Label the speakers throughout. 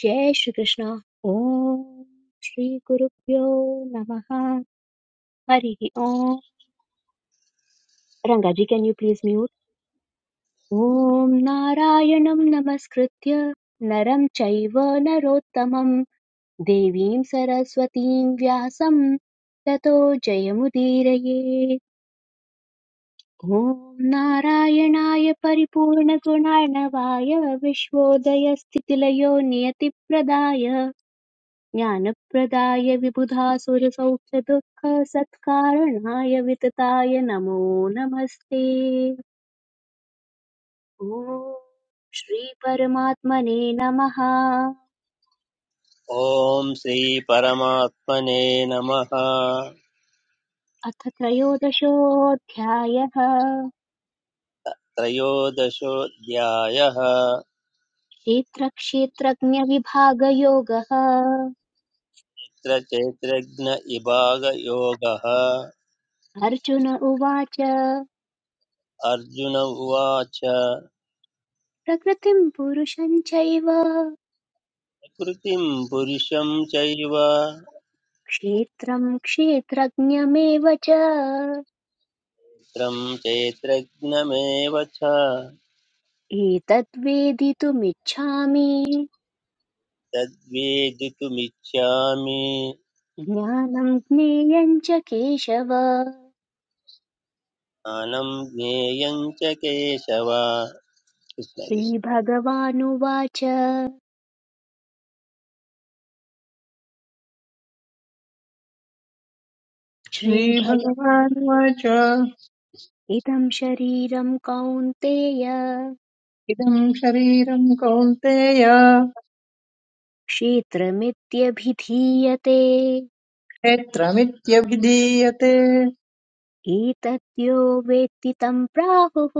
Speaker 1: जय श्री कृष्ण ओम श्री गुरुभ्यो नमः हरिः ओम Rangaji can you please mute ओम नारायणं नमस्कृत्य नरं चैव नरोत्तमं देवीं सरस्वतीं व्यासं ततो जयमुदीरये ॐ नारायणाय परिपूर्णगुणार्णवाय विश्वोदयस्थितिलयो नियतिप्रदाय ज्ञानप्रदाय विबुधासुरसौख्यदुःखसत्कारणाय वितताय नमो नमस्ते ॐ श्रीपरमात्मने नमः
Speaker 2: ॐ श्रीपरमात्मने नमः
Speaker 1: अथ त्रयोदशोऽध्यायः
Speaker 2: त्रयोदशोऽध्यायः
Speaker 1: क्षेत्रक्षेत्रज्ञविभागयोगः
Speaker 2: अत्र चैत्रज्ञ इभागयोगः
Speaker 1: अर्जुन उवाच
Speaker 2: अर्जुन उवाच
Speaker 1: प्रकृतिं पुरुषं चैव
Speaker 2: कृतिं पुरुषं चैव
Speaker 1: क्षेत्रं क्षेत्रज्ञमेव च
Speaker 2: त्रं चैत्रज्ञमेव च
Speaker 1: एतद्वेदितुमिच्छामि
Speaker 2: तद्वेदितुमिच्छामि
Speaker 1: ज्ञानं ज्ञेयं च केशव
Speaker 2: ज्ञानं ज्ञेयं च केशव कृष्ण कृष्ण
Speaker 1: श्रीभगवानुवाच श्रीभग
Speaker 3: श्रीभगवानुवाच
Speaker 1: इदं शरीरं कौन्तेय
Speaker 3: इदं शरीरं कौन्तेय
Speaker 1: क्षेत्रमित्यभिधीयते
Speaker 3: क्षेत्रमित्यभिधीयते
Speaker 1: एतद्यो वेत्ति तं प्राहुः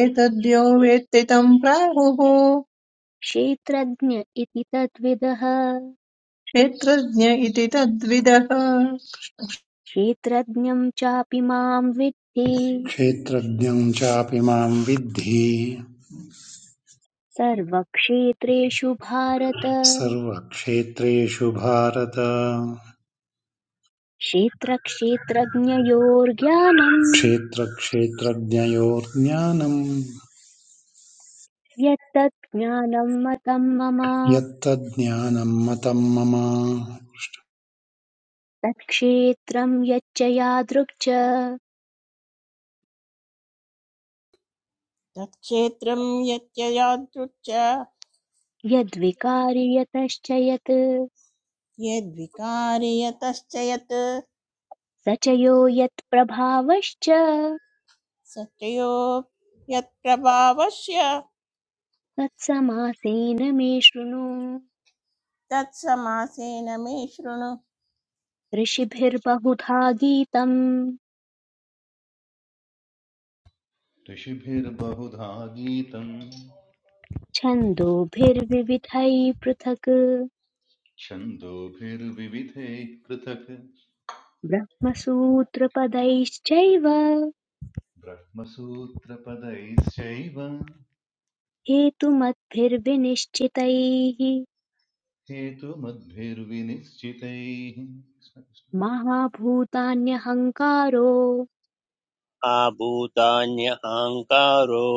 Speaker 3: एतद्यो वेत्ति तं प्राहुः
Speaker 1: क्षेत्रज्ञ इति तद्विदः
Speaker 3: क्षेत्रज्ञ इति तद्विदः
Speaker 1: क्षेत्रज्ञं चापि मां विद्धि
Speaker 4: क्षेत्रज्ञं चापि मां विद्धि
Speaker 1: सर्वक्षेत्रेषु भारत
Speaker 4: सर्वक्षेत्रेषु भारत
Speaker 1: क्षेत्रक्षेत्रज्ञयोर्ज्ञानम्
Speaker 4: क्षेत्रक्षेत्रज्ञयोर्ज्ञानं
Speaker 1: यत्तत् ज्ञानं मतं मम
Speaker 4: यत्तज्ज्ञानं मतं मम
Speaker 1: तत्क्षेत्रं यच्च यादृक् च
Speaker 5: तत्क्षेत्रं यत्ययादृच्च
Speaker 1: यद्विकारि यतश्च यत्
Speaker 5: यद्विकारि यतश्च यत्
Speaker 1: स च यो यत्प्रभावश्च
Speaker 5: स च यो यत्प्रभावस्य
Speaker 1: तत्समासेन मे शृणु
Speaker 5: तत्समासेन मे शृणु कृष्ण।
Speaker 1: ऋषिभिर्बहुधा गीतम्
Speaker 6: ऋषिभिर्बहुधा गीतम्
Speaker 1: छन्दोभिर्विविधैः पृथक्
Speaker 6: छन्दोभिर्विविधैः पृथक्
Speaker 1: ब्रह्मसूत्रपदैश्चैव
Speaker 6: ब्रह्मसूत्रपदैश्चैव
Speaker 1: हेतुमद्भिर्विनिश्चितैः
Speaker 6: हेतुमद्भिर्विनिश्चितैः कृष्ण कृष्ण।
Speaker 1: महाभूतान्यहङ्कारो
Speaker 2: आभूतान्यहङ्कारो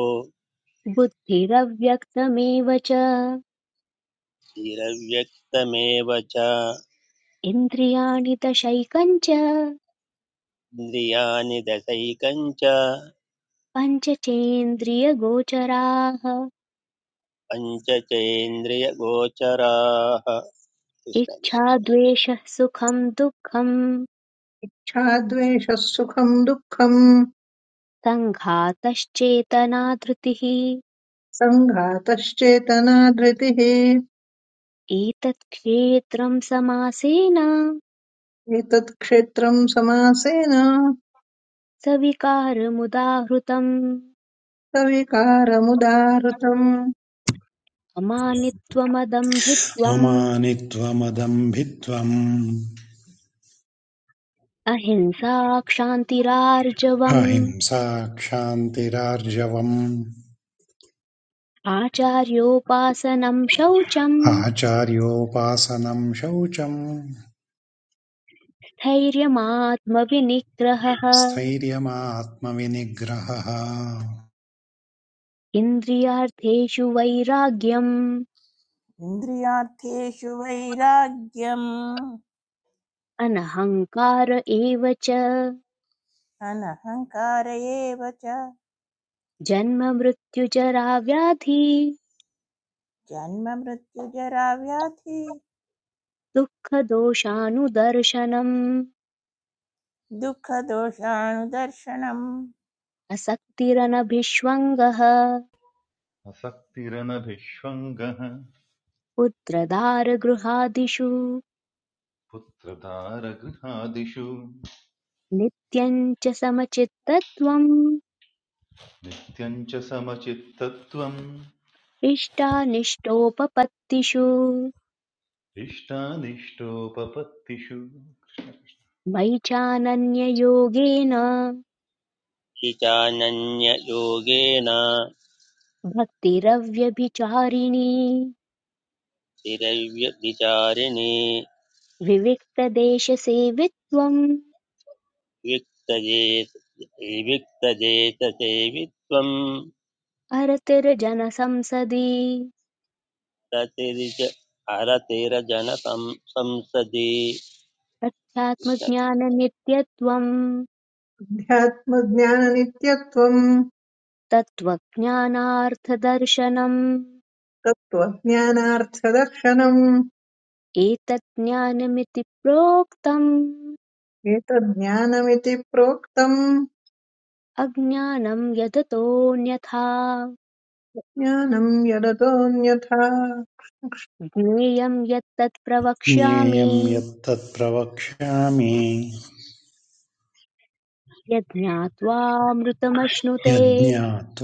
Speaker 1: बुद्धिरव्यक्तमेव च
Speaker 2: तिरव्यक्तमेव च
Speaker 1: इन्द्रियाणि दशैकञ्च
Speaker 2: इन्द्रियाणि दशैकं च
Speaker 1: पञ्चचेन्द्रियगोचराः
Speaker 2: पञ्च चेन्द्रियगोचराः
Speaker 1: इच्छा
Speaker 2: कृष्णकृष्ण
Speaker 1: द्वेषः सुखं दुःखम्
Speaker 3: छाद्वेषः सुखं दुःखं
Speaker 1: सङ्घातश्चेतना धृतिः
Speaker 3: सङ्घातश्चेतना धृतिः
Speaker 1: एतत् क्षेत्रम् समासेन
Speaker 3: एतत् क्षेत्रं समासेन
Speaker 1: सविकारमुदाहृतम्
Speaker 3: सविकारमुदाहृतम्
Speaker 1: अमानित्वमदम्भित्वम्
Speaker 4: ममानित्वमदम्भित्वम्
Speaker 1: अहिंसा क्षान्तिरार्जवम्
Speaker 4: अहिंसा क्षान्तिरार्जवम्
Speaker 1: आचार्योपासनम् शौचम्
Speaker 4: आचार्योपासनं शौचं
Speaker 1: धैर्यमात्मविनिग्रहः
Speaker 4: स्थैर्यमात्मविनिग्रहः
Speaker 1: इन्द्रियार्थेषु वैराग्यम्
Speaker 5: इन्द्रियार्थेषु वैराग्यम्
Speaker 1: अनहङ्कार एव च
Speaker 5: अनहङ्कार एव च
Speaker 1: जन्ममृत्युजराव्याधि
Speaker 5: जन्म मृत्युजरा व्याधि
Speaker 1: दुःखदोषानुदर्शनम्
Speaker 5: दुःखदोषाणुदर्शनम्
Speaker 1: असक्तिरनभिष्वङ्गः
Speaker 6: असक्तिरनभिष्वङ्गः
Speaker 1: पुत्रदारगृहादिषु
Speaker 6: पुत्रधारगृहादिषु
Speaker 1: नित्यम् च समचित्तत्वम्
Speaker 6: नित्यम् च समचित्तत्वम्
Speaker 1: इष्टानिष्टोपपत्तिषु
Speaker 6: इष्टानिष्टोपपत्तिषु
Speaker 1: मयि चानन्ययोगेन
Speaker 2: इचानन्ययोगेन
Speaker 1: भक्तिरव्यभिचारिणी
Speaker 2: तिरव्यभिचारिणि
Speaker 1: विविक्तदेशसेवित्वम्
Speaker 2: विक्तजेत विक्तजेतसेवित्वं
Speaker 1: अरतिर्जनसंसदि
Speaker 2: रतिर्ज अरतिरजनसं संसदि
Speaker 1: अध्यात्मज्ञाननित्यत्वम्
Speaker 3: अध्यात्मज्ञाननित्यत्वम्
Speaker 1: तत्त्वज्ञानार्थदर्शनम्
Speaker 3: तत्त्वज्ञानार्थदर्शनम्
Speaker 1: एतत् ज्ञानमिति प्रोक्तम्
Speaker 3: एतज्ज्ञानमिति प्रोक्तम्
Speaker 1: अज्ञानम् यदतोऽन्यथा
Speaker 3: ज्ञानम् यदतोऽन्यथा
Speaker 1: ज्ञेयम् यत्तत् प्रवक्ष्यामि
Speaker 4: ज्ञेयं यत्तत् प्रवक्ष्यामि
Speaker 1: यज्ञात्वामृतमश्नुते
Speaker 4: यज्ञात्वामृतमश्नुते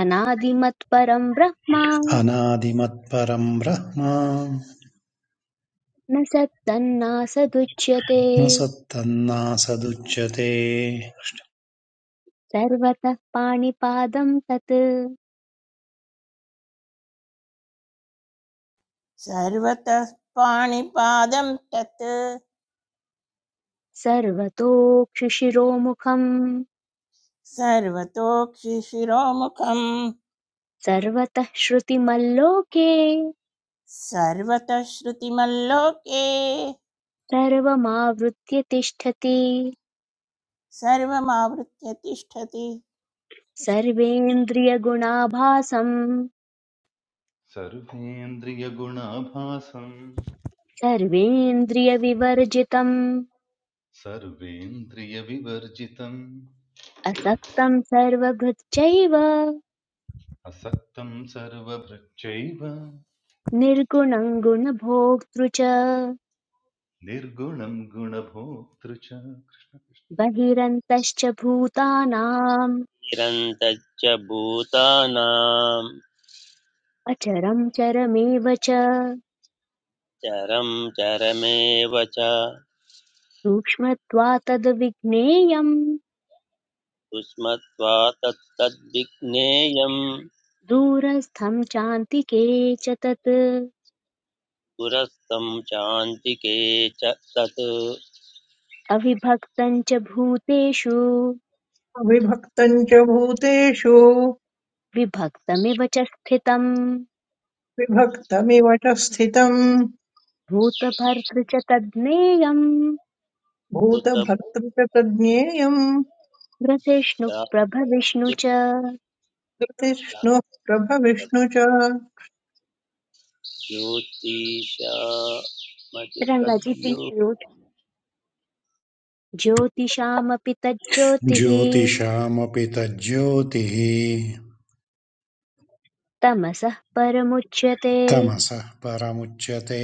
Speaker 1: अनादिमत्परम् ब्रह्म
Speaker 4: अनादिमत्परम् ब्रह्म
Speaker 1: न सत्तन्नासदुच्यते
Speaker 4: न सत्तन्नासदुच्यते
Speaker 1: सर्वतः पाणिपादं तत्
Speaker 5: सर्वतः पाणिपादं तत्
Speaker 1: सर्वतोक्षिशिरोमुखम्
Speaker 5: सर्वतोक्षिशिरोमुखम्
Speaker 1: सर्वतः श्रुतिमल्लोके
Speaker 5: सर्वतः श्रुतिमल्लोके
Speaker 1: सर्वमावृत्य तिष्ठति
Speaker 5: सर्वमावृत्य तिष्ठति
Speaker 1: सर्वेन्द्रियगुणाभासम्
Speaker 6: सर्वेन्द्रियगुणाभासम्
Speaker 1: सर्वेन्द्रियविवर्जितम्
Speaker 6: सर्वेन्द्रियविवर्जितम्
Speaker 1: असक्तम् सर्वभृच्चैव
Speaker 6: असक्तं सर्वभृक्षैव
Speaker 1: निर्गुणम् गुणभोक्तृ च
Speaker 6: निर्गुणं गुणभोक्तृ च कृष्ण कृष्ण।
Speaker 1: बहिरन्तश्च भूतानाम्
Speaker 2: चिरन्तच्च भूतानां
Speaker 1: अचरं चरमेव च
Speaker 2: चरं चरमेव च
Speaker 1: सूक्ष्मत्वात्तद्विज्ञेयम्
Speaker 2: कुस्मत्वा तत्तद्विज्ञेयम्
Speaker 1: दूरस्थं चान्तिके च तत्
Speaker 2: पुरस्तं चान्तिके च तत्
Speaker 1: अविभक्तं च भूतेषु
Speaker 3: अविभक्तम् च भूतेषु
Speaker 1: विभक्तमिव च स्थितम्
Speaker 3: विभक्तमिव च स्थितम्
Speaker 1: भूतभर्तृ च तज्ज्ञेयम्
Speaker 3: भूतभर्तृ च तज्ज्ञेयम्
Speaker 1: ग्रसिष्णुप्रभविष्णु च
Speaker 3: कृतिष्णुः
Speaker 2: कुतभोक्ताच्युत्प्राप्तव्योत्तिशामचितव्यो
Speaker 3: प्रभविष्णु च
Speaker 1: रङ्गाजी प्लीज म्यूट् ज्योतिषामपि तज्ज्योतिः
Speaker 4: ज्योतिषामपि तज्ज्योतिः
Speaker 1: तमसः परमुच्यते
Speaker 4: तमसः परमुच्यते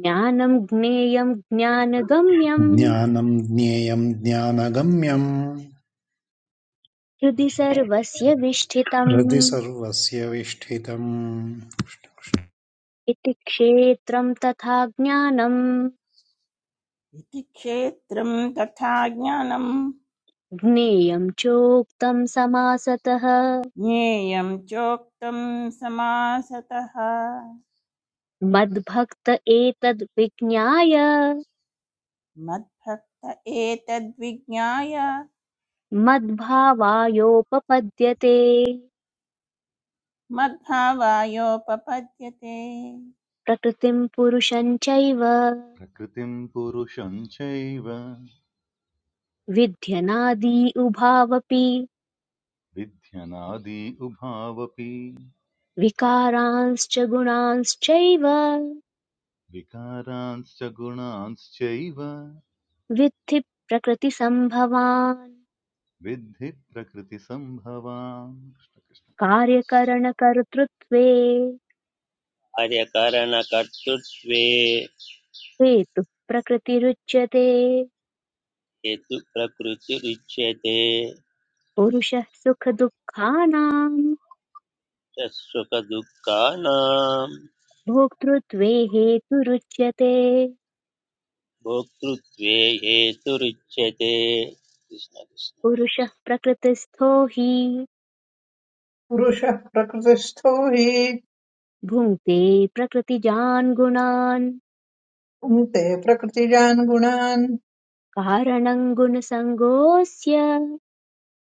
Speaker 1: ज्ञानं ज्ञेयं ज्ञानगम्यम्
Speaker 4: ज्ञानम् ज्ञेयम् ज्ञानगम्यम्
Speaker 1: हृदि सर्वस्य
Speaker 4: हृदि
Speaker 1: विष्ठितम्
Speaker 4: सर्वस्य विष्ठितम्
Speaker 1: इति क्षेत्रं तथा ज्ञानम्
Speaker 5: इति क्षेत्रं तथा ज्ञानं
Speaker 1: ज्ञेयं चोक्तम् समासतः
Speaker 5: ज्ञेयं चोक्तं समासतः
Speaker 1: मद्भक्त एतद् विज्ञाय
Speaker 5: मद्भक्त एतद्विज्ञाय
Speaker 1: मद्भावायोपपद्यते
Speaker 5: मद्भावायोपपद्यते
Speaker 1: प्रकृतिम् पुरुषं चैव
Speaker 6: प्रकृतिं पुरुषं चैव
Speaker 1: विध्यनादि उभावपि
Speaker 6: विध्यनादि उभावपि
Speaker 1: विकारांश्च गुणांश्चैव
Speaker 6: विकारांश्च गुणांश्चैव
Speaker 1: विद्धि प्रकृतिसम्भवान्
Speaker 6: विद्धि प्रकृतिसम्भवान् कृष्ण कृष्ण।
Speaker 1: कार्यकरणकर्तृत्वे
Speaker 2: कार्यकरणकर्तृत्वे
Speaker 1: ते तु प्रकृतिरुच्यते
Speaker 2: हेतु प्रकृतिरुच्यते च
Speaker 1: पुरुषः सुखदुःखानाम्
Speaker 2: सुखदुःखानां
Speaker 1: भोक्तृत्वे हेतुरुच्यते
Speaker 2: भोक्तृत्वे हेतुरुच्यते कृष्ण कृष्ण
Speaker 1: पुरुषः प्रकृतिस्थो हि
Speaker 3: पुरुषः प्रकृतिस्थो हि
Speaker 1: भुङ्क्ते प्रकृतिजान् गुणान्
Speaker 3: पुङ्क्ते प्रकृतिजान् गुणान्
Speaker 1: कारणं गुणसङ्गोऽस्य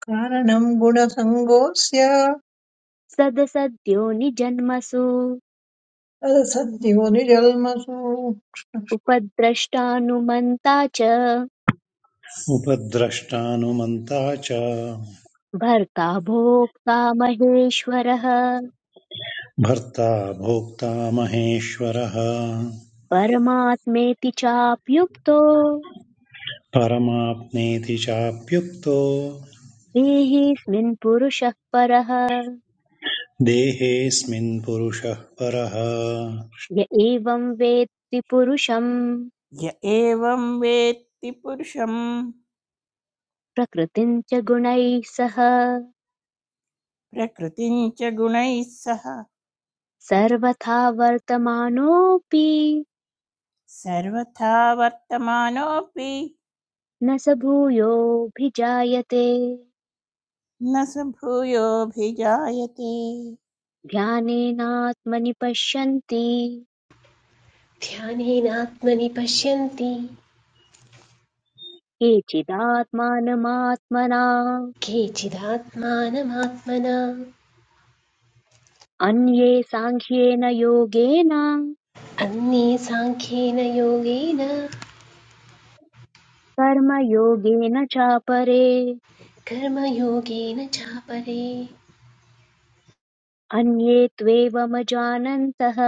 Speaker 3: कारणम् गुणसङ्गोऽस्य
Speaker 1: सदसद्यो निजन्मसु
Speaker 3: तदसद्यो निजल्मसु
Speaker 1: उपद्रष्टानुमन्ता च
Speaker 4: उपद्रष्टानुमन्ता च
Speaker 1: भर्ता भोक्ता महेश्वरः
Speaker 4: भर्ता भोक्ता महेश्वरः
Speaker 1: परमात्मेति चाप्युक्तो
Speaker 4: परमाप्नेति चाप्युक्तो
Speaker 1: देहेऽस्मिन् पुरुषः परः
Speaker 4: देहेऽस्मिन् पुरुषः परः
Speaker 1: य एवं वेत्ति पुरुषं
Speaker 5: य एवं वेत्ति पुरुषं
Speaker 1: प्रकृतिं च गुणैः सह
Speaker 5: प्रकृतिं च गुणैः सह
Speaker 1: सर्वथा वर्तमानोऽपि
Speaker 5: सर्वथा वर्तमानोऽपि
Speaker 1: न स भूयोऽभिजायते
Speaker 5: न स भूयोऽभिजायते
Speaker 1: ध्यानेनात्मनि पश्यन्ति
Speaker 7: ध्यानेनात्मनि पश्यन्ति
Speaker 1: केचिदात्मानमात्मना
Speaker 7: केचिदात्मानमात्मना
Speaker 1: अन्ये साङ्ख्येन योगेन
Speaker 7: अन्ये साङ्ख्येन योगेन
Speaker 1: कर्मयोगेन चापरे
Speaker 7: कर्मयोगेन चापरे
Speaker 1: अन्ये त्वेवमजानन्तः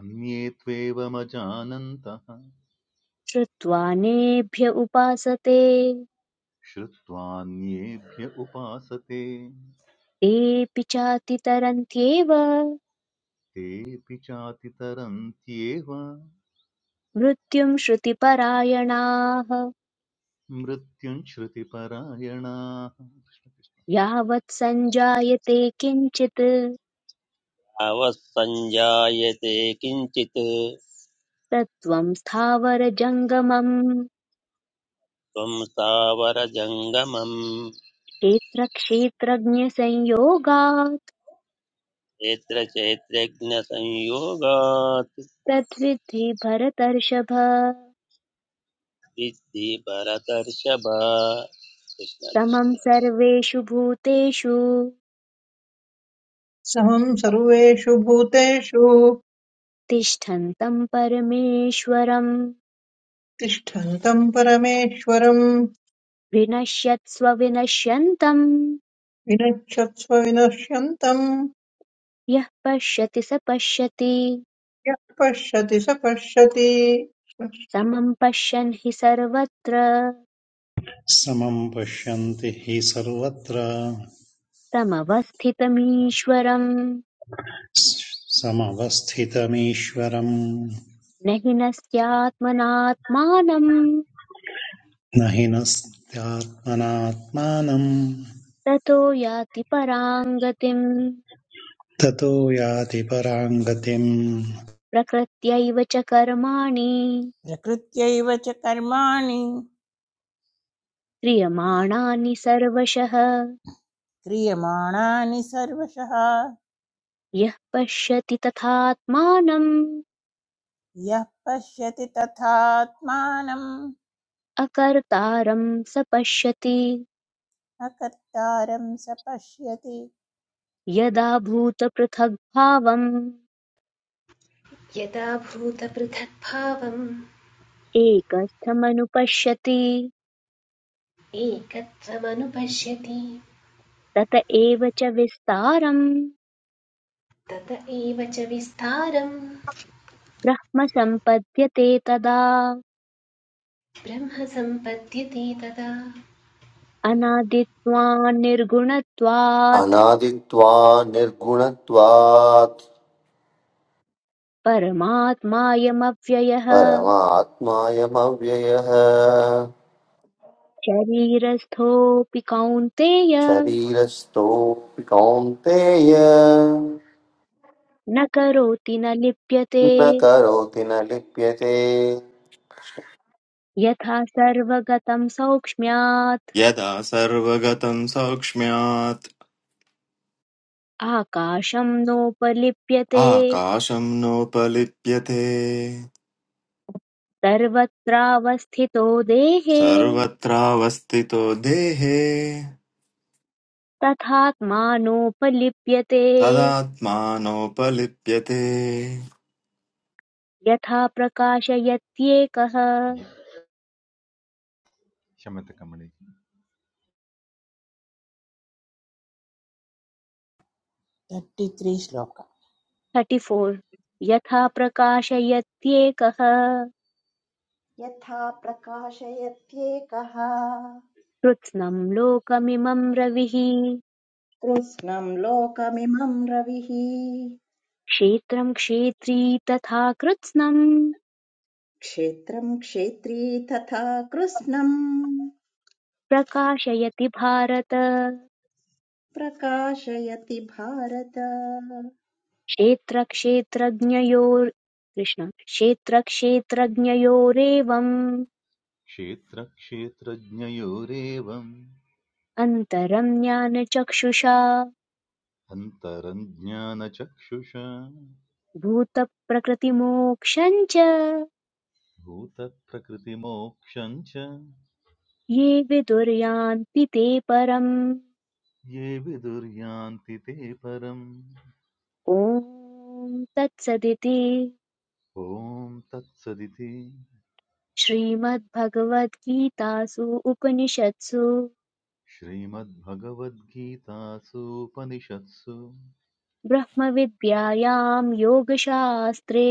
Speaker 6: अन्ये त्वेवमजानन्तः
Speaker 1: श्रुत्वा नेभ्य उपासते
Speaker 6: श्रुत्वान्येभ्य उपासते
Speaker 1: तेऽपि चातितरन्त्येव
Speaker 6: तेऽपि चातितरन्त्येव
Speaker 1: मृत्युं श्रुतिपरायणाः
Speaker 6: मृत्युं श्रुतिपरायणाः
Speaker 1: यावत् सञ्जायते किञ्चित्
Speaker 2: अवसञ्जायते किञ्चित्
Speaker 1: तत्त्वं स्थावरजङ्गमम्
Speaker 2: त्वं स्थावरजङ्गमम्
Speaker 1: क्षेत्रक्षेत्रज्ञसंयोगात्
Speaker 2: क्षेत्र चैत्रज्ञसंयोगात्
Speaker 1: तद्विद्धि भरतर्षभ
Speaker 2: सिद्धि भरतर्षभ कृष्ण
Speaker 1: समं
Speaker 2: कृष्ण
Speaker 1: सर्वेषु भूतेषु
Speaker 3: समम् सर्वेषु भूतेषु
Speaker 1: तिष्ठन्तं परमेश्वरं
Speaker 3: तिष्ठन्तम् परमेश्वरम्
Speaker 1: विनश्यत्स्व विनश्यन्तम्
Speaker 3: विनश्यत्स्व विनश्यन्तम्
Speaker 1: यः पश्यति स पश्यति
Speaker 3: यः पश्यति स पश्यति
Speaker 1: समं पश्यन् हि सर्वत्र
Speaker 4: समं पश्यन्ति हि सर्वत्र
Speaker 1: समवस्थितमीश्वरम्
Speaker 4: समवस्थितमीश्वरम्
Speaker 1: न हि नस्त्यात्मनात्मानम्
Speaker 4: न हि नस्त्यात्मनात्मानम्
Speaker 1: ततो याति पराम् गतिम्
Speaker 4: ततो याति पराम् गतिम्
Speaker 1: प्रकृत्यैव च कर्माणि
Speaker 5: प्रकृत्यैव च कर्माणि
Speaker 1: क्रियमाणानि सर्वशः
Speaker 5: क्रियमाणानि सर्वशः
Speaker 1: यः पश्यति तथात्मानम्
Speaker 5: यः पश्यति तथात्मानम्
Speaker 1: अकर्तारम् स पश्यति
Speaker 5: अकर्तारं स पश्यति
Speaker 1: यदा भूतपृथग्भावम्
Speaker 7: यदा भूतपृथक्भावम्
Speaker 1: एकस्थमनुपश्यति
Speaker 7: एकत्वमनुपश्यति
Speaker 1: तत एव च विस्तारम्
Speaker 7: तत एव च विस्तारं
Speaker 1: ब्रह्म सम्पद्यते तदा
Speaker 7: ब्रह्म सम्पद्यते तदा
Speaker 1: अनादित्वान्निर्गुणत्वात्
Speaker 8: अनादित्वा निर्गुणत्वात्
Speaker 1: परमात्मायमव्ययः
Speaker 8: परमात्मायमव्ययः
Speaker 1: शरीरस्थोऽपि कौन्तेय
Speaker 8: शरीरस्थोऽपि कौन्तेय
Speaker 1: न करोति न लिप्यते
Speaker 8: न करोति न लिप्यते
Speaker 1: यथा सर्वगतं सौक्ष्म्यात्
Speaker 9: यदा सर्वगतं सौक्ष्म्यात्
Speaker 1: आकाशं नोपलिप्यते
Speaker 9: आकाशं नोपलिप्यते
Speaker 1: सर्वत्रावस्थितो देहे
Speaker 9: सर्वत्रावस्थितो देहे
Speaker 1: तथात्मानोपलिप्यते
Speaker 9: तदात्मानोपलिप्यते
Speaker 1: यथा प्रकाशयत्येकः
Speaker 6: शमतकमणि
Speaker 5: thirty three shloka
Speaker 1: thirty four यथा प्रकाशयत्येकः
Speaker 10: यथा प्रकाशयत्येकः
Speaker 1: कृत्स्नं लोकमिमं रविः
Speaker 10: कृत्स्नम् लोकमिमं रविः
Speaker 1: क्षेत्रं क्षेत्री तथा कृत्स्नं
Speaker 10: क्षेत्रं क्षेत्री तथा कृत्स्नम्
Speaker 1: प्रकाशयति भारत
Speaker 10: प्रकाशयति भारत
Speaker 1: क्षेत्रक्षेत्रज्ञयोर् कृष्ण क्षेत्रक्षेत्रज्ञयोरेवम्
Speaker 6: क्षेत्रक्षेत्रज्ञयोरेवम्
Speaker 1: अन्तरं ज्ञानचक्षुषा
Speaker 6: अन्तरञ्ज्ञानचक्षुषा
Speaker 1: भूतप्रकृतिमोक्षं च
Speaker 6: भूतप्रकृतिमोक्षं च
Speaker 1: ये विदुर्यान्ति ते परम्
Speaker 6: ये विदुर्यान्ति ते परम्
Speaker 1: ॐ तत्सदिति
Speaker 6: ॐ तत्सदिति
Speaker 1: श्रीमद्भगवद्गीतासु उपनिषत्सु
Speaker 6: श्रीमद्भगवद्गीतासूपनिषत्सु
Speaker 1: ब्रह्मविद्यायां योगशास्त्रे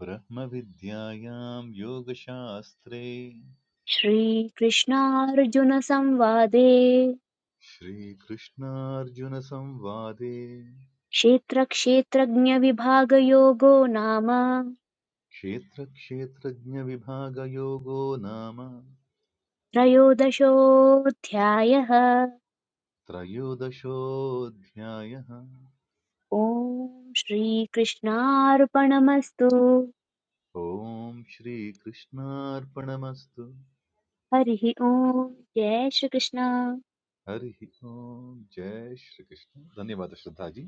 Speaker 6: ब्रह्मविद्यायां योगशास्त्रे
Speaker 1: श्रीकृष्णार्जुनसंवादे
Speaker 6: श्रीकृष्णार्जुनसंवादे
Speaker 1: क्षेत्रक्षेत्रज्ञविभागयोगो नाम
Speaker 6: क्षेत्रक्षेत्रज्ञविभागयोगो नाम
Speaker 1: त्रयोदशोऽध्यायः
Speaker 6: त्रयोदशोऽध्यायः
Speaker 1: ॐ श्रीकृष्णार्पणमस्तु
Speaker 6: ॐ श्रीकृष्णार्पणमस्तु
Speaker 1: हरिः ॐ जय Shri Krishna
Speaker 6: Hari Om, Jai Shri Krishna. Dhanyavad ji.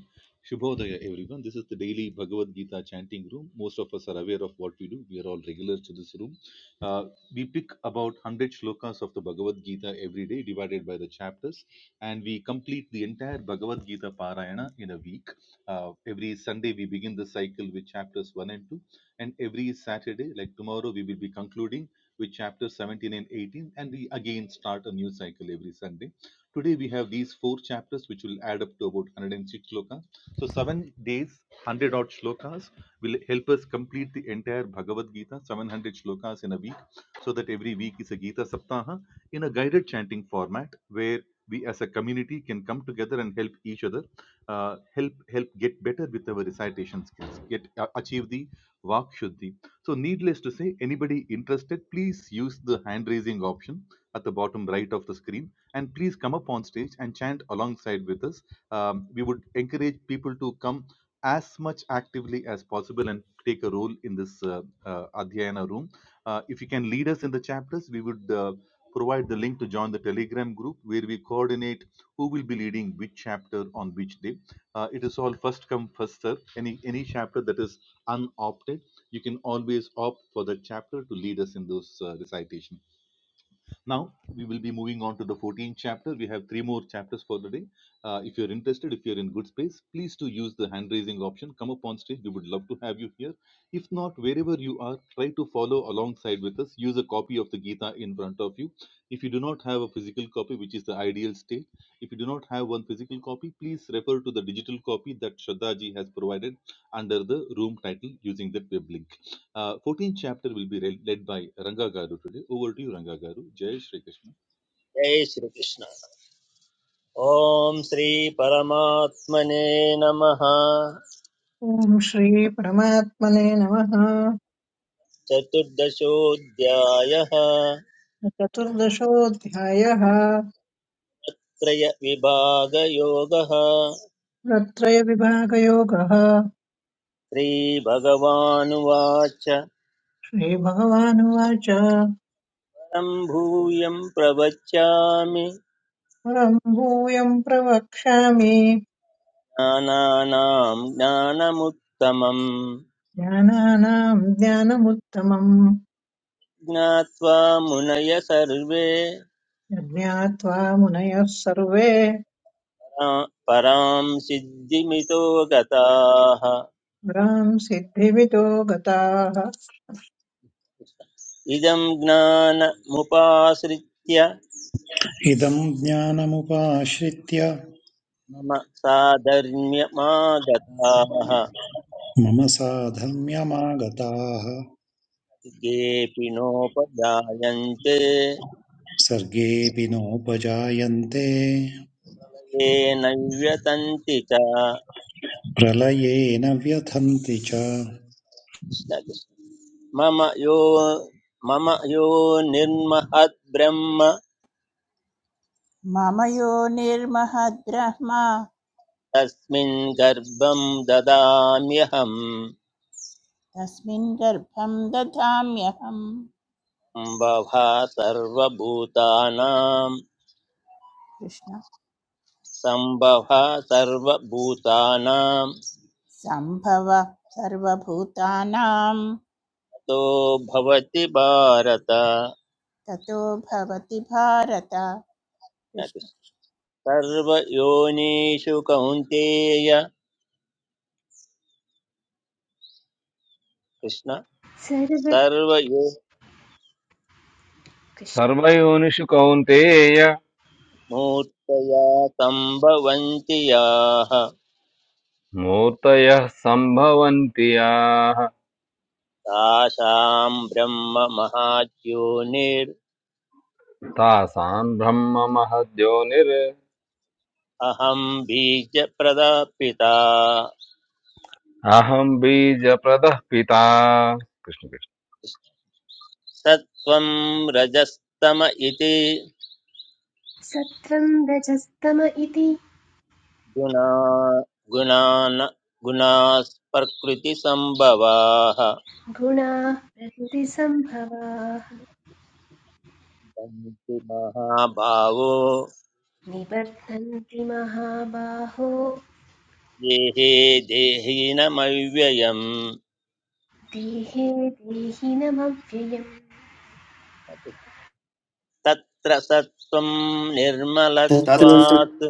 Speaker 6: Shubhodaya everyone. This is the daily Bhagavad Gita chanting room. Most of us are aware of what we do. We are all regulars to this room. Uh, we pick about 100 shlokas of the Bhagavad Gita every day divided by the chapters and we complete the entire Bhagavad Gita Parayana in a week. Uh, every Sunday we begin the cycle with chapters 1 and 2 and every Saturday like tomorrow we will be concluding with chapters 17 and 18 and we again start a new cycle every Sunday Today we have these four chapters which will add up to about 106 shlokas. So seven days, 100 odd shlokas will help us complete the entire Bhagavad Gita, 700 shlokas in a week, so that every week is a Gita Saptaha in a guided chanting format where we as a community can come together and help each other, uh, help help get better with our recitation skills, get uh, achieve the Vak Shuddhi. So needless to say, anybody interested, please use the hand raising option at the bottom right of the screen and please come up on stage and chant alongside with us. Um, we would encourage people to come as much actively as possible and take a role in this uh, uh, Adhyayana room. Uh, if you can lead us in the chapters, we would uh, provide the link to join the Telegram group where we coordinate who will be leading which chapter on which day. Uh, it is all first come, first serve. Any, any chapter that is unopted, you can always opt for the chapter to lead us in those uh, recitation. Now, we will be moving on to the 14th chapter. We have three more chapters for the day. Uh, if you're interested, if you're in good space, please to use the hand raising option. Come up on stage. We would love to have you here. If not, wherever you are, try to follow alongside with us. Use a copy of the Gita in front of you. If you do not have a physical copy, which is the ideal state, if you do not have one physical copy, please refer to the digital copy that Shraddha ji has provided under the room title using that web link. Uh, 14th chapter will be re- led by Ranga Garu today. Over to you, Ranga Garu. Jai Shri Krishna.
Speaker 2: जय श्रीकृष्ण ॐ श्रीपरमात्मने नमः
Speaker 3: ॐ श्रीपरमात्मने नमः
Speaker 2: चतुर्दशोऽध्यायः
Speaker 3: चतुर्दशोऽध्यायः
Speaker 2: त्रयविभागयोगः
Speaker 3: रत्रयविभागयोगः
Speaker 2: श्रीभगवानुवाच
Speaker 3: श्रीभगवानुवाच
Speaker 2: परं भूयं प्रवच्यामि
Speaker 3: परम् भूयम् प्रवक्ष्यामि
Speaker 2: ज्ञानानां ज्ञानमुत्तमम्
Speaker 3: ज्ञानानाम् ज्ञानमुत्तमम्
Speaker 2: ज्ञात्वा मुनय सर्वे
Speaker 3: यज्ञात्वा मुनयः सर्वे
Speaker 2: परा- परां सिद्धिमितो गताः
Speaker 3: पुराम् सिद्धिविदो गताः
Speaker 2: इदं ज्ञानमुपाश्रित्य
Speaker 4: इदम् ज्ञानमुपाश्रित्य
Speaker 2: मम साधर्म्यमागताः
Speaker 4: मम साधर्म्यमागताः
Speaker 2: केऽपि नोपजायन्ते
Speaker 4: सर्गेऽपि नोपजायन्ते
Speaker 2: ये नैव्यतन्ति च
Speaker 4: प्रलयेन व्यथन्ति च
Speaker 2: मम यो मम यो निर्महद्ब्रह्म
Speaker 5: मम यो निर्महद्ब्रह्म
Speaker 2: तस्मिन् गर्भं ददाम्यहम्
Speaker 5: तस्मिन् गर्भं दधाम्यहम्
Speaker 2: सम्भवा सर्वभूतानां
Speaker 5: कृष्ण
Speaker 2: सम्भवा सर्वभूतानां
Speaker 5: सम्भव सर्वभूतानां
Speaker 2: तो भवति भारत
Speaker 5: ततो भवति भारत कृष्ण
Speaker 2: सर्वयोनिषु कौन्तेय कृष्ण
Speaker 7: सर्व
Speaker 2: सर्वयो
Speaker 7: कृष्ण-
Speaker 11: सर्वयोनिषु कौन्तेय
Speaker 2: मूर्तया सम्भवन्ति याः
Speaker 11: मूर्तयः सम्भवन्ति याः
Speaker 2: तासां ब्रह्म महाद्योनिरहं
Speaker 11: तासाम् ब्रह्म महद्योनिर्
Speaker 2: बीजप्रदापिता
Speaker 11: अहम् बीजप्रदः पिता कृष्ण कृष्ण
Speaker 2: सत्त्वं रजस्तम इति
Speaker 7: सत्त्वं रजस्तम इति
Speaker 2: गुणा गुणान् गुणास्प्रकृतिसम्भवाः
Speaker 7: गुणाः प्रकृतिसम्भवाः
Speaker 2: सन्ति महाभावो
Speaker 7: निबध्नन्ति महाबाहो
Speaker 2: ये हे देहिनमव्ययम्
Speaker 7: देहे देहि नमव्ययम्
Speaker 2: तत्र सत्त्वं
Speaker 8: तत्र
Speaker 9: तत्
Speaker 2: निर्मलत्वात्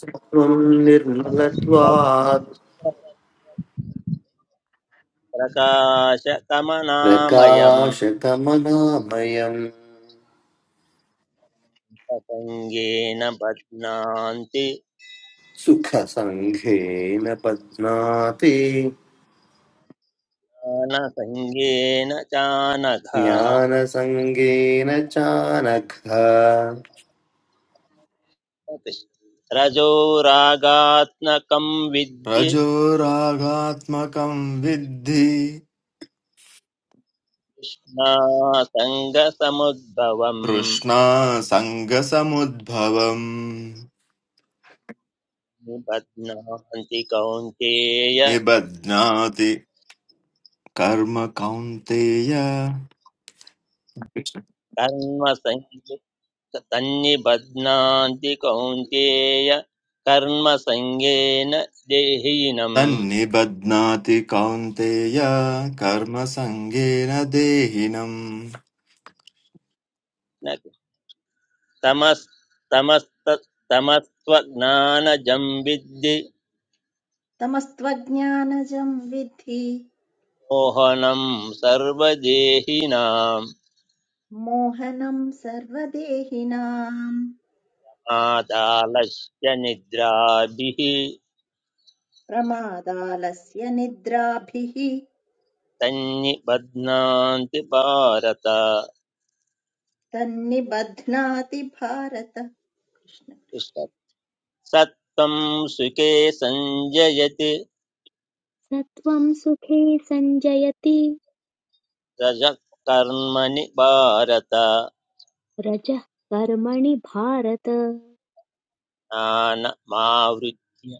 Speaker 8: सत्त्वं निर्मलत्वात्
Speaker 2: तत्प्रकाशकमनामयम्
Speaker 8: प्रकाशकमनामयम्
Speaker 2: प्रसङ्गेन बध्नान्ति
Speaker 8: सुखसङ्घेन पद्माति
Speaker 2: ज्ञानसङ्गेन चानघा
Speaker 8: ज्ञानसङ्गेन चानघ
Speaker 2: रजोरागात्मकं विद्धि
Speaker 9: रजोरागात्मकं विद्धि
Speaker 2: कृष्णा सङ्गसमुद्भवम्
Speaker 9: तृष्णासङ्गसमुद्भवम्
Speaker 2: निबध्नान्ति कौन्तेय
Speaker 9: निबध्नाति कर्म कौन्तेय
Speaker 2: कर्मसङ्ग तन्निबध्नान्ति कौन्तेय कर्मसङ्गेन देहीनम्
Speaker 9: तन्नि तन्निबध्नाति कौन्तेय कर्मसङ्गेन देहिनम्
Speaker 2: न तमस्तमस्तमस्त्वज्ञानजं विद्धि
Speaker 10: तमस्त्वज्ञानजं विद्धि
Speaker 2: मोहनं सर्वदेहिनाम्
Speaker 10: मोहनं सर्वदेहिनाम्
Speaker 2: आदालस्य निद्राभिः
Speaker 10: प्रमादालस्य निद्राभिः
Speaker 2: तन्निबध्नान्ति भारत
Speaker 10: तन्निबध्नाति भारत कृष्ण
Speaker 2: कृष्ण सत्त्वं सुखे सञ्जयति
Speaker 1: सत्त्वं सुखे सञ्जयति
Speaker 2: रजः कर्मणि भारत
Speaker 1: रजः कर्मणि भारत
Speaker 2: ज्ञानमावृत्य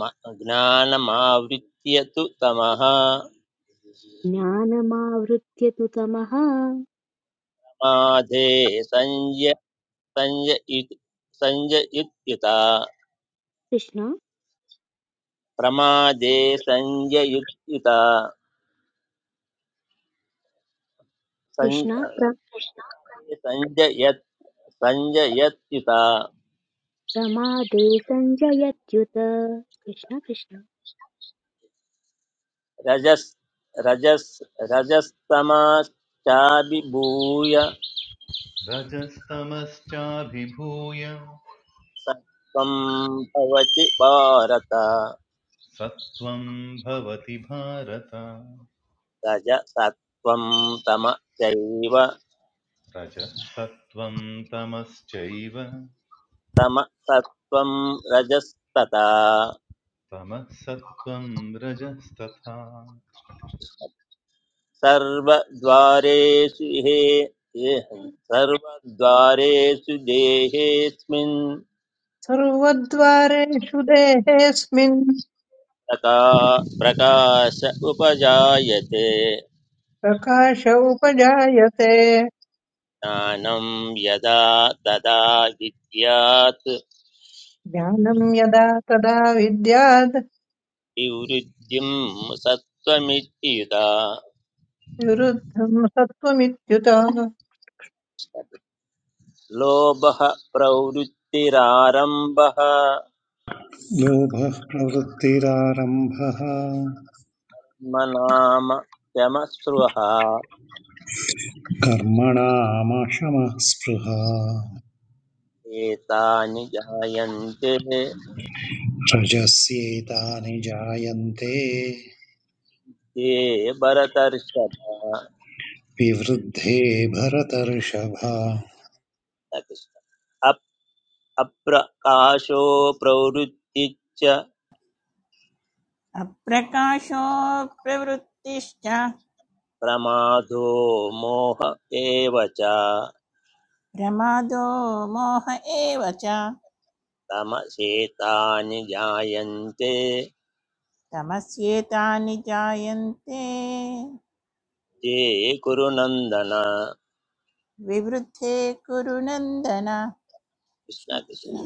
Speaker 2: म- ज्ञानमावृत्य तु तमः
Speaker 1: ज्ञानमावृत्य तु तमः
Speaker 2: प्रमादे संय संययुत संययुत्युता
Speaker 1: कृष्ण
Speaker 2: प्रमादे संययुत्युता
Speaker 1: कृष्ण प्र
Speaker 2: संजयत संजयत्युता
Speaker 1: प्रमादे सञ्जयत्युत कृष्ण कृष्ण
Speaker 2: रजस् रजस् रजस्तमाश्चाभिभूय
Speaker 6: रजस्तमश्चाभिभूय
Speaker 2: सत्त्वं भवति भारत
Speaker 6: सत्वं भवति भारत
Speaker 2: रजसत्त्वं तम चैव
Speaker 6: रजसत्वं तमश्चैव
Speaker 2: तमसत्त्वं रजस्तथा
Speaker 6: तमः सत्वं रजस्तथा
Speaker 2: सर्वद्वारेषु हे ये सर्वद्वारेषु देहेऽस्मिन्
Speaker 3: सर्वद्वारेषु देहेऽस्मिन्
Speaker 2: तथा प्रकाश उपजायते
Speaker 3: प्रकाश उपजायते
Speaker 2: ज्ञानं यदा तदा विद्यात्
Speaker 3: ज्ञानं यदा तदा विद्याद्
Speaker 2: प्रवृत्तिवृद्धिं सत्त्वमित्युता
Speaker 3: विरुद्धं सत्त्वमित्युत
Speaker 2: लोभः प्रवृत्तिरारम्भः
Speaker 4: लोभः प्रवृत्तिरारम्भः
Speaker 2: मनाम शमस्पृहा
Speaker 4: कर्मणामशमः स्पृहा
Speaker 2: एतानि जायन्ते
Speaker 4: रजस्येतानि जायन्ते
Speaker 2: ये भरतर्षभ
Speaker 4: विवृद्धे भरतर्षभ
Speaker 2: न कृष्ण। अप्रकाशो प्रवृत्तिच्च
Speaker 5: अप्रकाशो प्रवृत्तिश्च
Speaker 2: प्रमादो मोह एव च
Speaker 5: प्रमादो मोह एव च
Speaker 2: तमसेतानि जायन्ते
Speaker 5: तमस्येतानि जायन्ते
Speaker 2: ये कुरुनन्दन
Speaker 5: विवृद्धे कुरु नन्दन कृष्ण
Speaker 2: कृष्ण कृष्ण।
Speaker 5: कृष्ण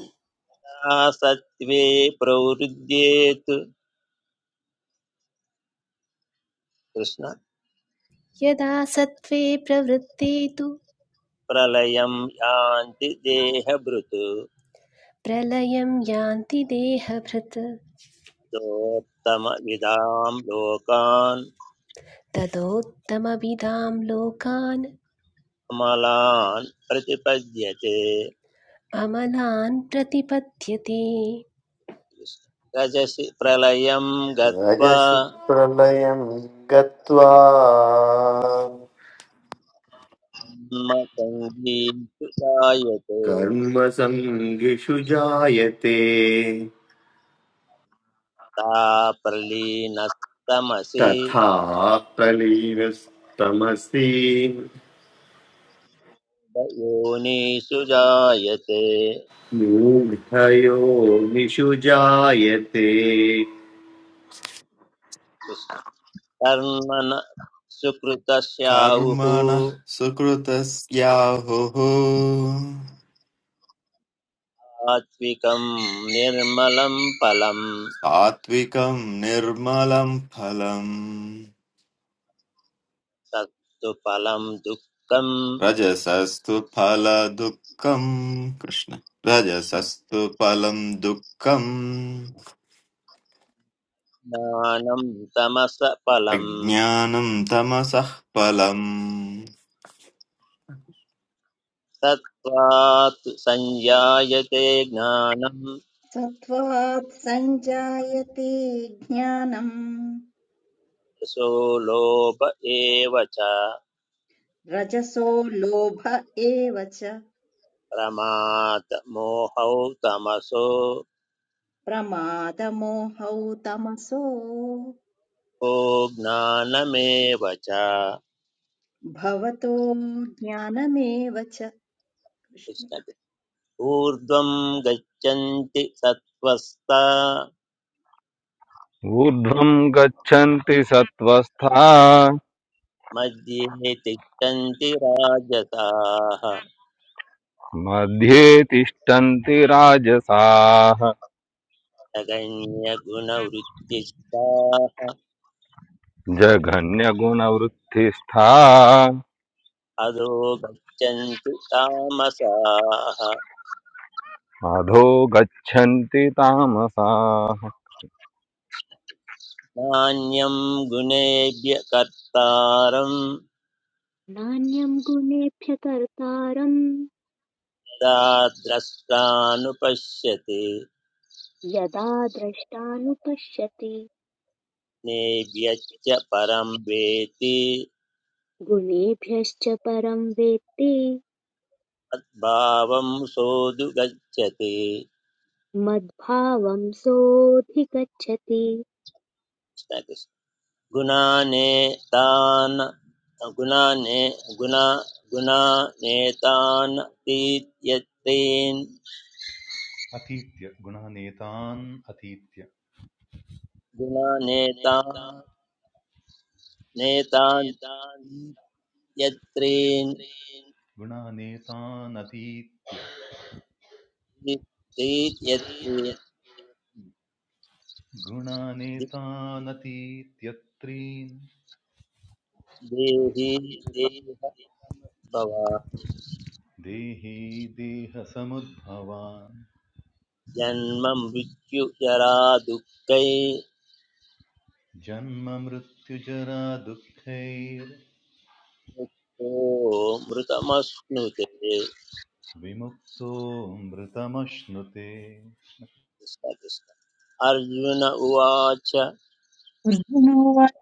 Speaker 2: सत्त्वे प्रवृद्येत् कृष्ण
Speaker 7: यदा सत्त्वे प्रवृत्ते तु
Speaker 2: प्रलयं यान्ति देहभृत्
Speaker 7: प्रलयं यान्ति देहभृत्
Speaker 2: दोत्तमविदां लोकान्
Speaker 7: ततोत्तमविदां लोकान्
Speaker 2: कमलान् प्रतिपद्यते
Speaker 7: अमलान् प्रतिपद्यते
Speaker 2: रजसि प्रलयं गत्वा
Speaker 8: रजसि प्रलयं गत्वा
Speaker 2: सङ्गीषु जायते
Speaker 8: कर्मसङ्गिषु जायते
Speaker 2: ता प्रलीनस्तमसि
Speaker 8: तथा प्रलीनस्तमसि
Speaker 2: योनिषु जायते
Speaker 8: मूढयोनिषु जायते
Speaker 2: कृष्ण। कर्मण सुकृतस्याहुः
Speaker 9: कर्मणः सुकृतस्याहुः
Speaker 2: सात्विकं निर्मलं फलं
Speaker 9: सात्विकं निर्मलं फलम्
Speaker 2: तत्तु फलं दुःखं
Speaker 9: रजसस्तु फलदुःखम् कृष्ण रजसस्तु फलम् दुःखम्
Speaker 2: ज्ञानं तमस फलं
Speaker 9: अज्ञानं तमसः फलम्
Speaker 2: सत्त्वात् संजायते ज्ञानं
Speaker 10: सत्त्वात् सञ्जायते ज्ञानम्
Speaker 2: सो लोभ एव च
Speaker 10: रजसो लोभ एव च
Speaker 2: प्रमाद मोहौ तमसो
Speaker 10: प्रमादमोहौ तमसो
Speaker 2: को ज्ञानमेव च
Speaker 10: भवतो ज्ञानमेव च कृष्ण
Speaker 2: ऊर्ध्वं गच्छन्ति सत्त्वस्ता
Speaker 11: ऊर्ध्वम् गच्छन्ति सत्त्वस्था
Speaker 2: मध्ये तिष्ठन्ति राजसाः
Speaker 11: मध्ये तिष्ठन्ति राजसाः
Speaker 2: नगण्यगुणवृत्तिष्ठाः
Speaker 11: जघन्यगुणवृत्तिस्था
Speaker 2: अधो गच्छन्ति तामसाः
Speaker 11: अधो गच्छन्ति तामसाः
Speaker 2: नान्यं गुणेभ्य कर्तारं
Speaker 1: नान्यं गुणेभ्य कर्तारम्
Speaker 2: यदा द्रष्टानुपश्यति
Speaker 1: यदा द्रष्टानुपश्यति
Speaker 2: नेभ्यश्च परं वेति
Speaker 1: गुणेभ्यश्च परं वेत्ति
Speaker 2: तद्भावं सोऽधु गच्छति
Speaker 1: मद्भावं सोऽधिगच्छति
Speaker 2: गुणानेतान् गुणाने गुणा गुणानेतान् तीत्यत्रीन्
Speaker 6: अतीत्य गुणानेतान् अतीत्य
Speaker 2: गुणानेतान्
Speaker 6: नेता
Speaker 2: नेतान्
Speaker 6: नेतान्
Speaker 2: तीत्यत्रीन्
Speaker 6: यत्रेन् गुणानेतानतीत्य
Speaker 2: तीत्यत्रीन् दि-
Speaker 6: गुणानेतानतीत्यत्रीन्
Speaker 2: देहि देह भव
Speaker 6: देही देहसमुद्भवान्
Speaker 2: जन्म मृत्यु जरा दुःखै
Speaker 6: जन्ममृत्युजरा दुःखैर्विमुक्तो
Speaker 2: मुक्तो मृतमश्नुते कृष्ण
Speaker 6: मृतमश्नुते
Speaker 2: कृष्ण अर्जुन उवाच
Speaker 3: अर्जुनोवाच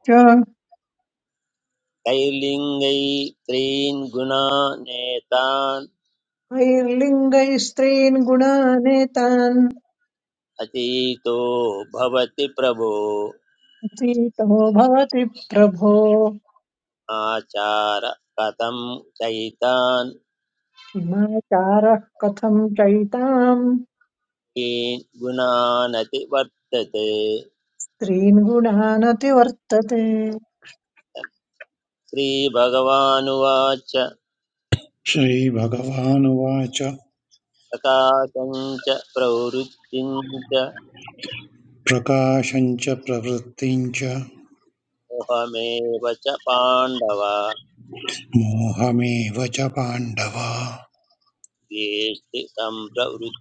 Speaker 2: कैर्लिङ्गै त्रीन् गुणानेतान्
Speaker 3: कैर्लिङ्गैः स्त्रीन् गुणानेतान्
Speaker 2: अतीतो भवति प्रभो
Speaker 3: अतीतो भवति प्रभो
Speaker 2: आचार कथं चैतान्
Speaker 3: किमाचारः कथं चैतां
Speaker 2: कीन् गुणानति वर्तते
Speaker 3: स्त्रीन् गुणानतिवर्तते
Speaker 2: श्रीभगवानुवाच
Speaker 4: श्रीभगवानुवाच
Speaker 2: प्रकाशं च प्रवृत्तिं च
Speaker 4: प्रकाशम् च प्रवृत्तिम् च
Speaker 2: मोहमेव च पाण्डव
Speaker 4: मोहमेव च पाण्डव
Speaker 2: येष्ति सम्प्रवृत्तानि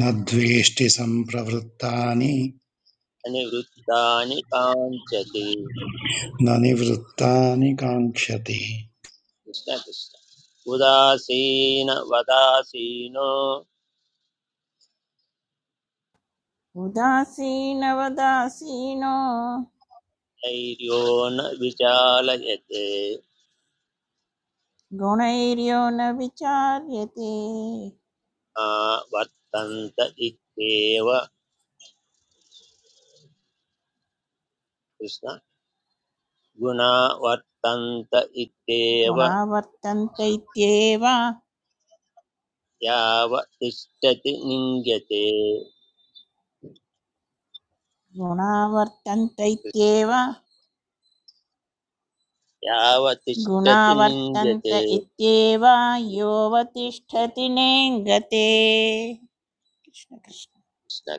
Speaker 4: न द्वेष्टि सम्प्रवृत्तानि
Speaker 2: अनिवृत्तानि काञ्चति
Speaker 4: न निवृत्तानि काङ्क्षति
Speaker 2: कृष्ण कृष्ण उदासीन वदासीनो
Speaker 5: उदासीनवदासीनो
Speaker 2: धैर्यो न विचालयते
Speaker 5: गुणैर्यो न विचार्यते
Speaker 2: मा वर्तन्त इत्येव कृष्ण गुणा वर्तन्त इत्येव
Speaker 5: गुणावर्तन्त इत्येव
Speaker 2: याव तिष्ठति निङ्गते
Speaker 5: गुणावर्तन्त इत्येव
Speaker 2: याव तिष्ठति
Speaker 5: गुणावर्तन्त
Speaker 2: निन्द्यते
Speaker 5: इत्येव योऽवतिष्ठति नेङ्गते कृष्ण कृष्ण।
Speaker 2: कृष्ण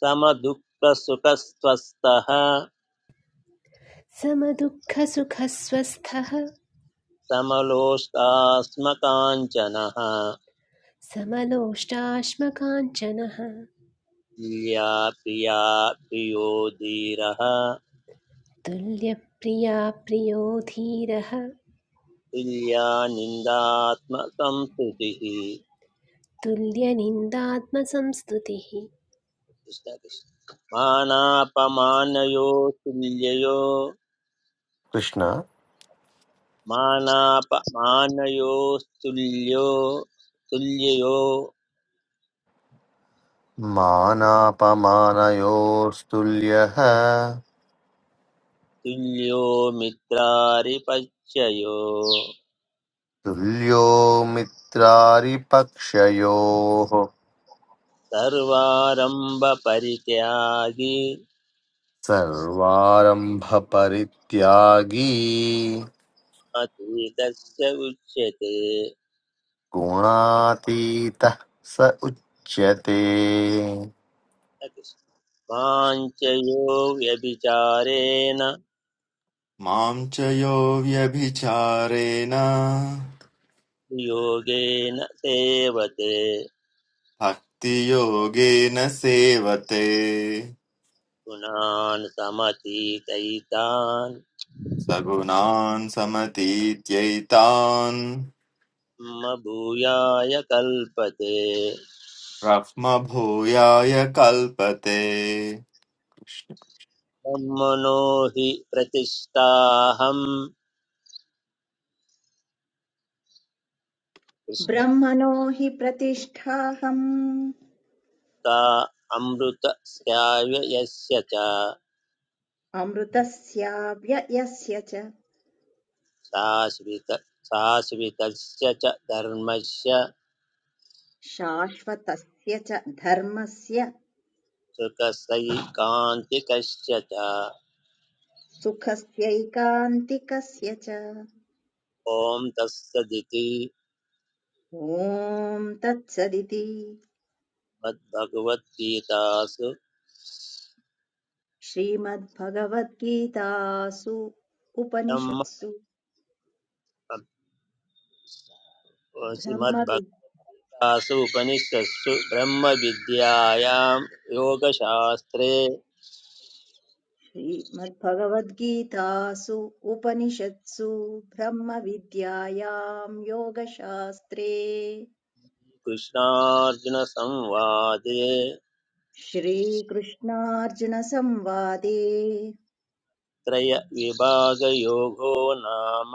Speaker 2: समदुःखसुखस्वस्थः
Speaker 7: समदुःखसुखस्वस्थः
Speaker 2: समलोष्टास्मकाञ्चनः
Speaker 7: समलोष्टाश्मकाञ्चनः
Speaker 2: तुल्या प्रिया प्रियो धीरः
Speaker 7: तुल्यप्रिया प्रियो धीरः
Speaker 2: तुल्या निन्दात्मसंस्तुतिः
Speaker 7: तुल्यनिन्दात्मसंस्तुतिः
Speaker 2: कृष्ण कृष्ण। मानापमानयो तुल्ययो
Speaker 8: कृष्ण
Speaker 2: मानापमानयो तुल्यो तुल्ययो
Speaker 8: मानापमानयोस्तुल्यः
Speaker 2: तुल्यो मित्रारिपच्ययो
Speaker 8: तुल्यो मित्रारिपक्षयोः
Speaker 2: सर्वारम्भपरित्यागी
Speaker 8: सर्वारम्भपरित्यागी
Speaker 2: अतीतस्य उच्यते
Speaker 8: गुणातीतः स उच्यते
Speaker 2: माञ्चयो व्यभिचारेण
Speaker 9: मां च यो व्यभिचारेण
Speaker 2: योगेन सेवते
Speaker 9: भक्तियोगेन सेवते
Speaker 2: गुणान् समतीतैतान्
Speaker 9: सगुणान् समतीत्यैतान्
Speaker 2: मम भूयाय कल्पते
Speaker 9: ब्रह्मभूयाय कल्पते
Speaker 2: ब्रह्मणो हि प्रतिष्ठाहं कृष्णता
Speaker 10: ब्रह्मणो हि प्रतिष्ठाहम्
Speaker 2: अमृतस्याय यस्य च
Speaker 10: अमृतस्याव्ययस्य च
Speaker 2: शाश्वित शाश्वितस्य च धर्मस्य
Speaker 10: शाश्वतस्य च धर्मस्य
Speaker 2: सुखसैकान्तिकस्य च
Speaker 10: सुखस्यैकान्तिकस्य च
Speaker 2: ॐ तत्सदिति
Speaker 10: ॐ तत्सदिति
Speaker 2: श्रीमद्भगवद्गीतासु
Speaker 10: श्रीमद्भगवद्गीतासु
Speaker 2: ब्रह्म
Speaker 10: उपनिषत्सु ब्रह्मविद्
Speaker 2: श्रीमद्भक्तासु उपनिषत्सु ब्रह्मविद्यायां योगशास्त्रे
Speaker 10: श्रीमद्भगवद्गीतासु उपनिषत्सु ब्रह्मविद्यायां योगशास्त्रे
Speaker 2: कृष्णार्जुनसंवादे
Speaker 10: श्रीकृष्णार्जुनसंवादे
Speaker 2: त्रयविभागयोगो नाम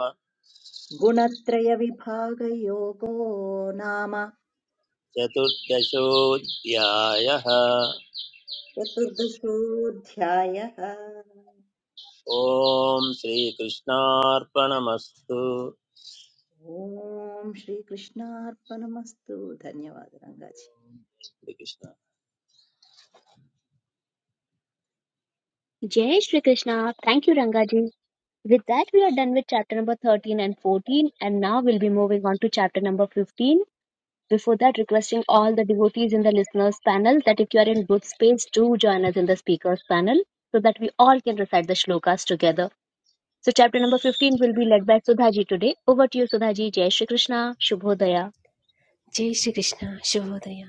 Speaker 10: गुणत्रयविभागयोगो नाम
Speaker 2: चतुर्दशोऽध्यायः
Speaker 10: चतुर्दशोऽध्यायः
Speaker 2: ॐ श्रीकृष्णार्पणमस्तु
Speaker 10: ॐ श्रीकृष्णार्पणमस्तु धन्यवाद Rangaji
Speaker 2: Shri Krishna
Speaker 1: Jai Shri Krishna. Thank you, Rangaji. With that, we are done with chapter number 13 and 14, and now we'll be moving on to chapter number 15. Before that, requesting all the devotees in the listeners' panel that if you are in good space, do join us in the speakers' panel so that we all can recite the shlokas together. So, chapter number 15 will be led by Sudhaji today. Over to you, Sudhaji. Jai Shri Krishna. Shubhodaya.
Speaker 7: जय श्रीकृष्ण शुभोदय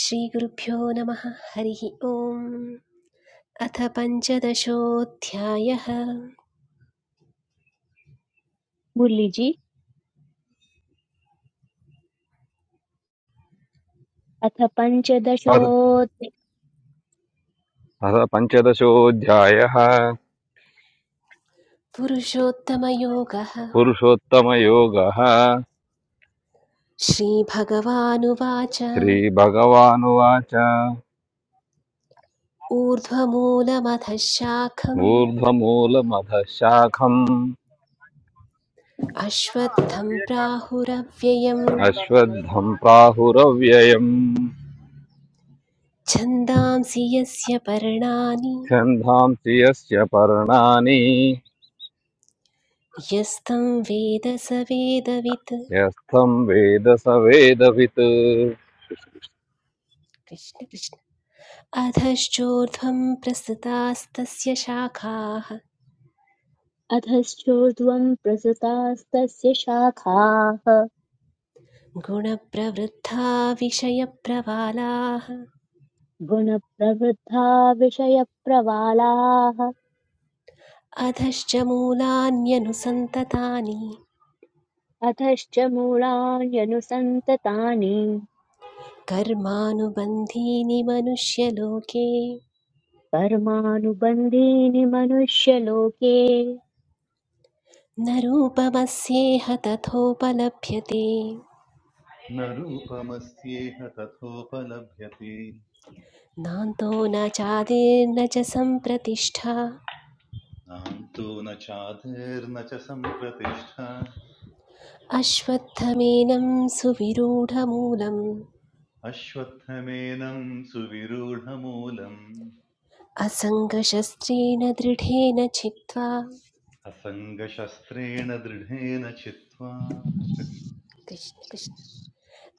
Speaker 7: श्रीगुरुभ्यो नमः हरिः ओम् अथ पञ्चदशोऽध्यायः
Speaker 1: Murliji. अथ
Speaker 11: अथ अथ
Speaker 1: पञ्चदशोऽथ-
Speaker 11: पञ्चदशोऽध्यायः
Speaker 7: पुरुषोत्तमयोगः
Speaker 11: पुरुषोत्तमयोगः
Speaker 7: श्रीभगवानुवाच
Speaker 11: श्रीभगवानुवाच
Speaker 7: ऊर्ध्वमूलमथ शाखम्
Speaker 11: ऊर्ध्वमूलमधः शाखम्
Speaker 7: अश्वत्थं प्राहुरव्ययम्
Speaker 11: अश्वत्थम् प्राहुरव्ययम्
Speaker 7: छन्दांसि यस्य पर्णानि
Speaker 11: छन्दांसि यस्य पर्णानि
Speaker 7: यस्तं वेद स वेदवित्
Speaker 11: यस्थम् वेद स वेदवित्
Speaker 7: कृष्ण कृष्ण अधश्चोर्ध्वं प्रसृतास्तस्य शाखाः
Speaker 1: अधश्चोर्ध्वम् प्रसृतास्तस्य शाखाः
Speaker 7: गुणप्रवृद्धा विषयप्रवालाः
Speaker 1: गुणप्रवृद्धा विषयप्रवालाः
Speaker 7: अधश्च मूलान्यनुसन्ततानि
Speaker 1: अधश्च मूढान्यनुसन्ततानि
Speaker 7: कर्मानुबन्धीनि मनुष्यलोके
Speaker 1: कर्मानुबन्धीनि मनुष्यलोके
Speaker 7: न रूपमस्येह तथोपलभ्यते
Speaker 6: न रूपमस्येह तथोपलभ्यते
Speaker 7: नान्तो न चादिर्न च सम्प्रतिष्ठा
Speaker 6: नान्तो न चादिर्न च सम्प्रतिष्ठा
Speaker 7: अश्वत्थमेनं सुविरूढमूलम्
Speaker 6: अश्वत्थमेनं सुविरूढमूलम्
Speaker 7: असङ्गशस्त्रेण दृढेन छित्त्वा
Speaker 6: असङ्गशस्त्रेण दृढेन चित्वा
Speaker 7: कृष्ण कृष्ण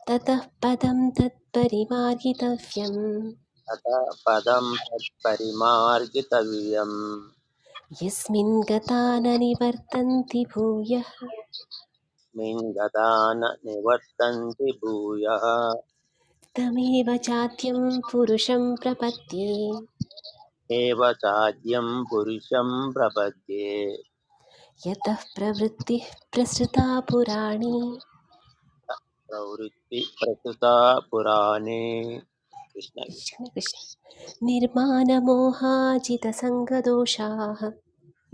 Speaker 7: ततः पदं तत्परिमार्गितव्यम्
Speaker 2: अथ पदं तत्परिमार्गितव्यम्
Speaker 7: यस्मिन् गता न निवर्तन्ति भूयः
Speaker 2: तस्मिन् गता न निवर्तन्ति भूयः
Speaker 7: तमेव चाद्यं पुरुषं प्रपद्ये
Speaker 2: एव चाद्यं पुरुषं प्रपद्ये
Speaker 7: यतः प्रवृत्तिः प्रसृता पुराणी
Speaker 2: प्रवृत्ति प्रसुता पुराणे कृष्ण
Speaker 7: कृष्ण कृष्ण निर्मानमोहाजितसङ्गदोषाः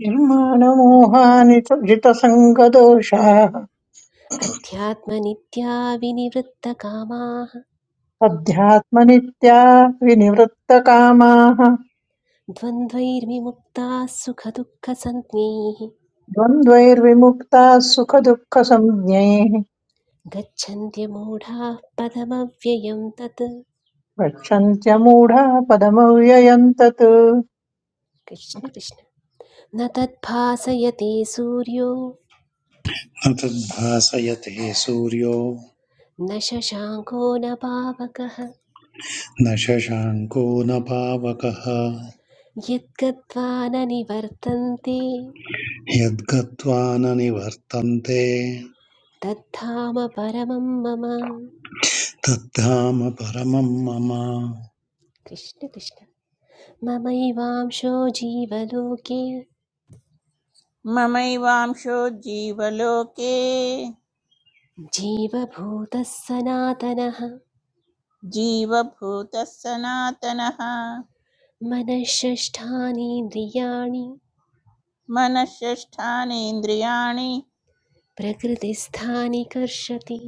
Speaker 3: निर्माणमोहानि च जितसङ्गदोषाः
Speaker 7: अध्यात्मनित्या विनिवृत्तकामाः
Speaker 3: अध्यात्मनित्या विनिवृत्तकामाः
Speaker 7: द्वन्द्वैर्विमुक्ताः सुखदुःखसञ्ज्ञैः
Speaker 3: द्वन्द्वैर्विमुक्ताः सुखदुःखसंज्ञैः
Speaker 7: गच्छन्त्यमूढाः पदमव्ययं तत्
Speaker 3: गच्छन्त्यमूढा पदमव्ययम् तत्
Speaker 7: कृष्ण कृष्ण न तद्भासयते सूर्यो
Speaker 4: न तद्भासयते सूर्यो
Speaker 7: न शशाङ्को न पावकः
Speaker 4: न शशाङ्को न पावकः
Speaker 7: यद्गत्वा न निवर्तन्ते
Speaker 4: यद्गत्वा न निवर्तन्ते
Speaker 7: तद्धाम परमं मम
Speaker 4: तद्धाम परमं मम
Speaker 7: कृष्ण कृष्ण ममैवांशो जीवलोके
Speaker 5: ममैवांशो जीवलोके
Speaker 7: जीवभूतः सनातनः
Speaker 5: जीवभूतः सनातनः
Speaker 7: मनःषष्ठानीन्द्रियाणि
Speaker 5: मनःषष्ठानीन्द्रियाणि
Speaker 7: प्रकृतिस्थानि कर्षति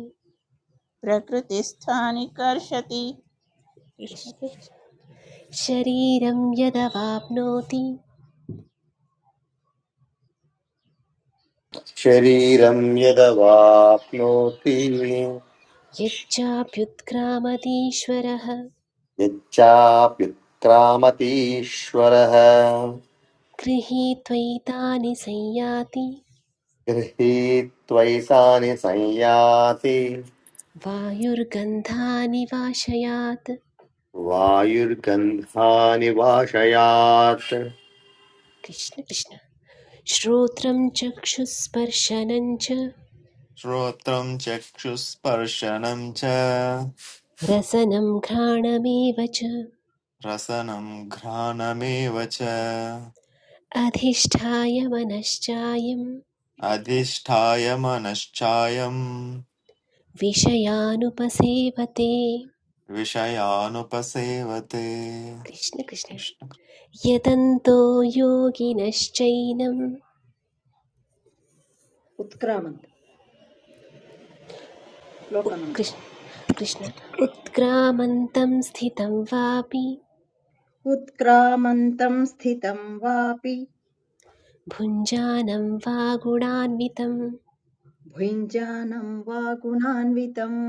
Speaker 5: प्रकृतिस्थानि कर्षति कृष्ण
Speaker 7: कृष्ण
Speaker 5: कृष्ण।
Speaker 7: कृष्ण। शरीरं यदवाप्नोति
Speaker 8: शरीरं यदवाप्नोति
Speaker 7: यच्चाप्युत्क्रामतीश्वरः
Speaker 8: यच्चाप्युत्क्रामतीश्वरः
Speaker 7: गृहे त्वयितानि संयाति
Speaker 8: गृहीत्वैतानि संयाति
Speaker 7: वायुर्गन्धानि वाशयात्
Speaker 8: वायुर्गन्धानि वाशयात्
Speaker 7: कृष्ण कृष्ण श्रोत्रं चक्षुस्पर्शनं च
Speaker 9: श्रोत्रं चक्षुस्पर्शनं च
Speaker 7: रसनं घ्राणमेव च
Speaker 9: रसनं घ्राणमेव च
Speaker 7: अधिष्ठाय मनश्चायं
Speaker 9: अधिष्ठाय मनश्चायं
Speaker 7: विषयानुपसेवते
Speaker 9: विषयानुपसेवते
Speaker 7: कृष्ण कृष्ण
Speaker 9: कृष्ण।
Speaker 7: यतन्तो योगिनश्चैनं
Speaker 10: उत्क्रामन्त श्लोक नंबर
Speaker 7: कृष्ण कृष्ण उत्क्रामन्तं स्थितं वापि
Speaker 10: उत्क्रामन्तं स्थितं वापि
Speaker 7: भुञ्जानं वा गुणान्वितं
Speaker 10: भुञ्जानं वा गुणान्वितम्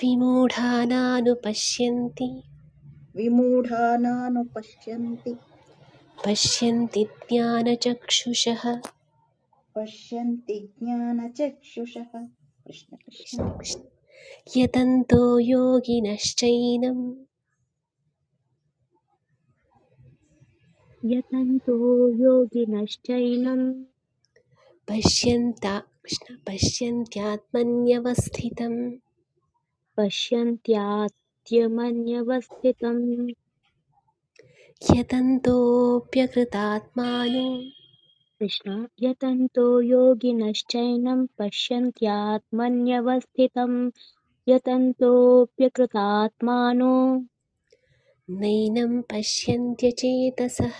Speaker 7: विमूढानानुपश्यन्ति
Speaker 10: विमूढानानुपश्यन्ति
Speaker 7: पश्यन्ति ज्ञानचक्षुषः
Speaker 10: पश्यन्ति ज्ञानचक्षुषः कृष्ण कृष्ण
Speaker 7: यतन्तो योगिनश्चैनं
Speaker 1: यतन्तो योगिनश्चैनं
Speaker 7: पश्यन्ता कृष्ण- पश्यन्त्यात्मन्यवस्थितं
Speaker 1: पश्यन्त्यात्मन्यवस्थितम्
Speaker 7: यतन्तोऽप्यकृतात्मानो
Speaker 1: कृष्ण यतन्तो योगिनश्चैनं पश्यन्त्यात्मन्यवस्थितं यतन्तोऽप्यकृतात्मानो
Speaker 7: नैनं पश्यन्त्यचेतसः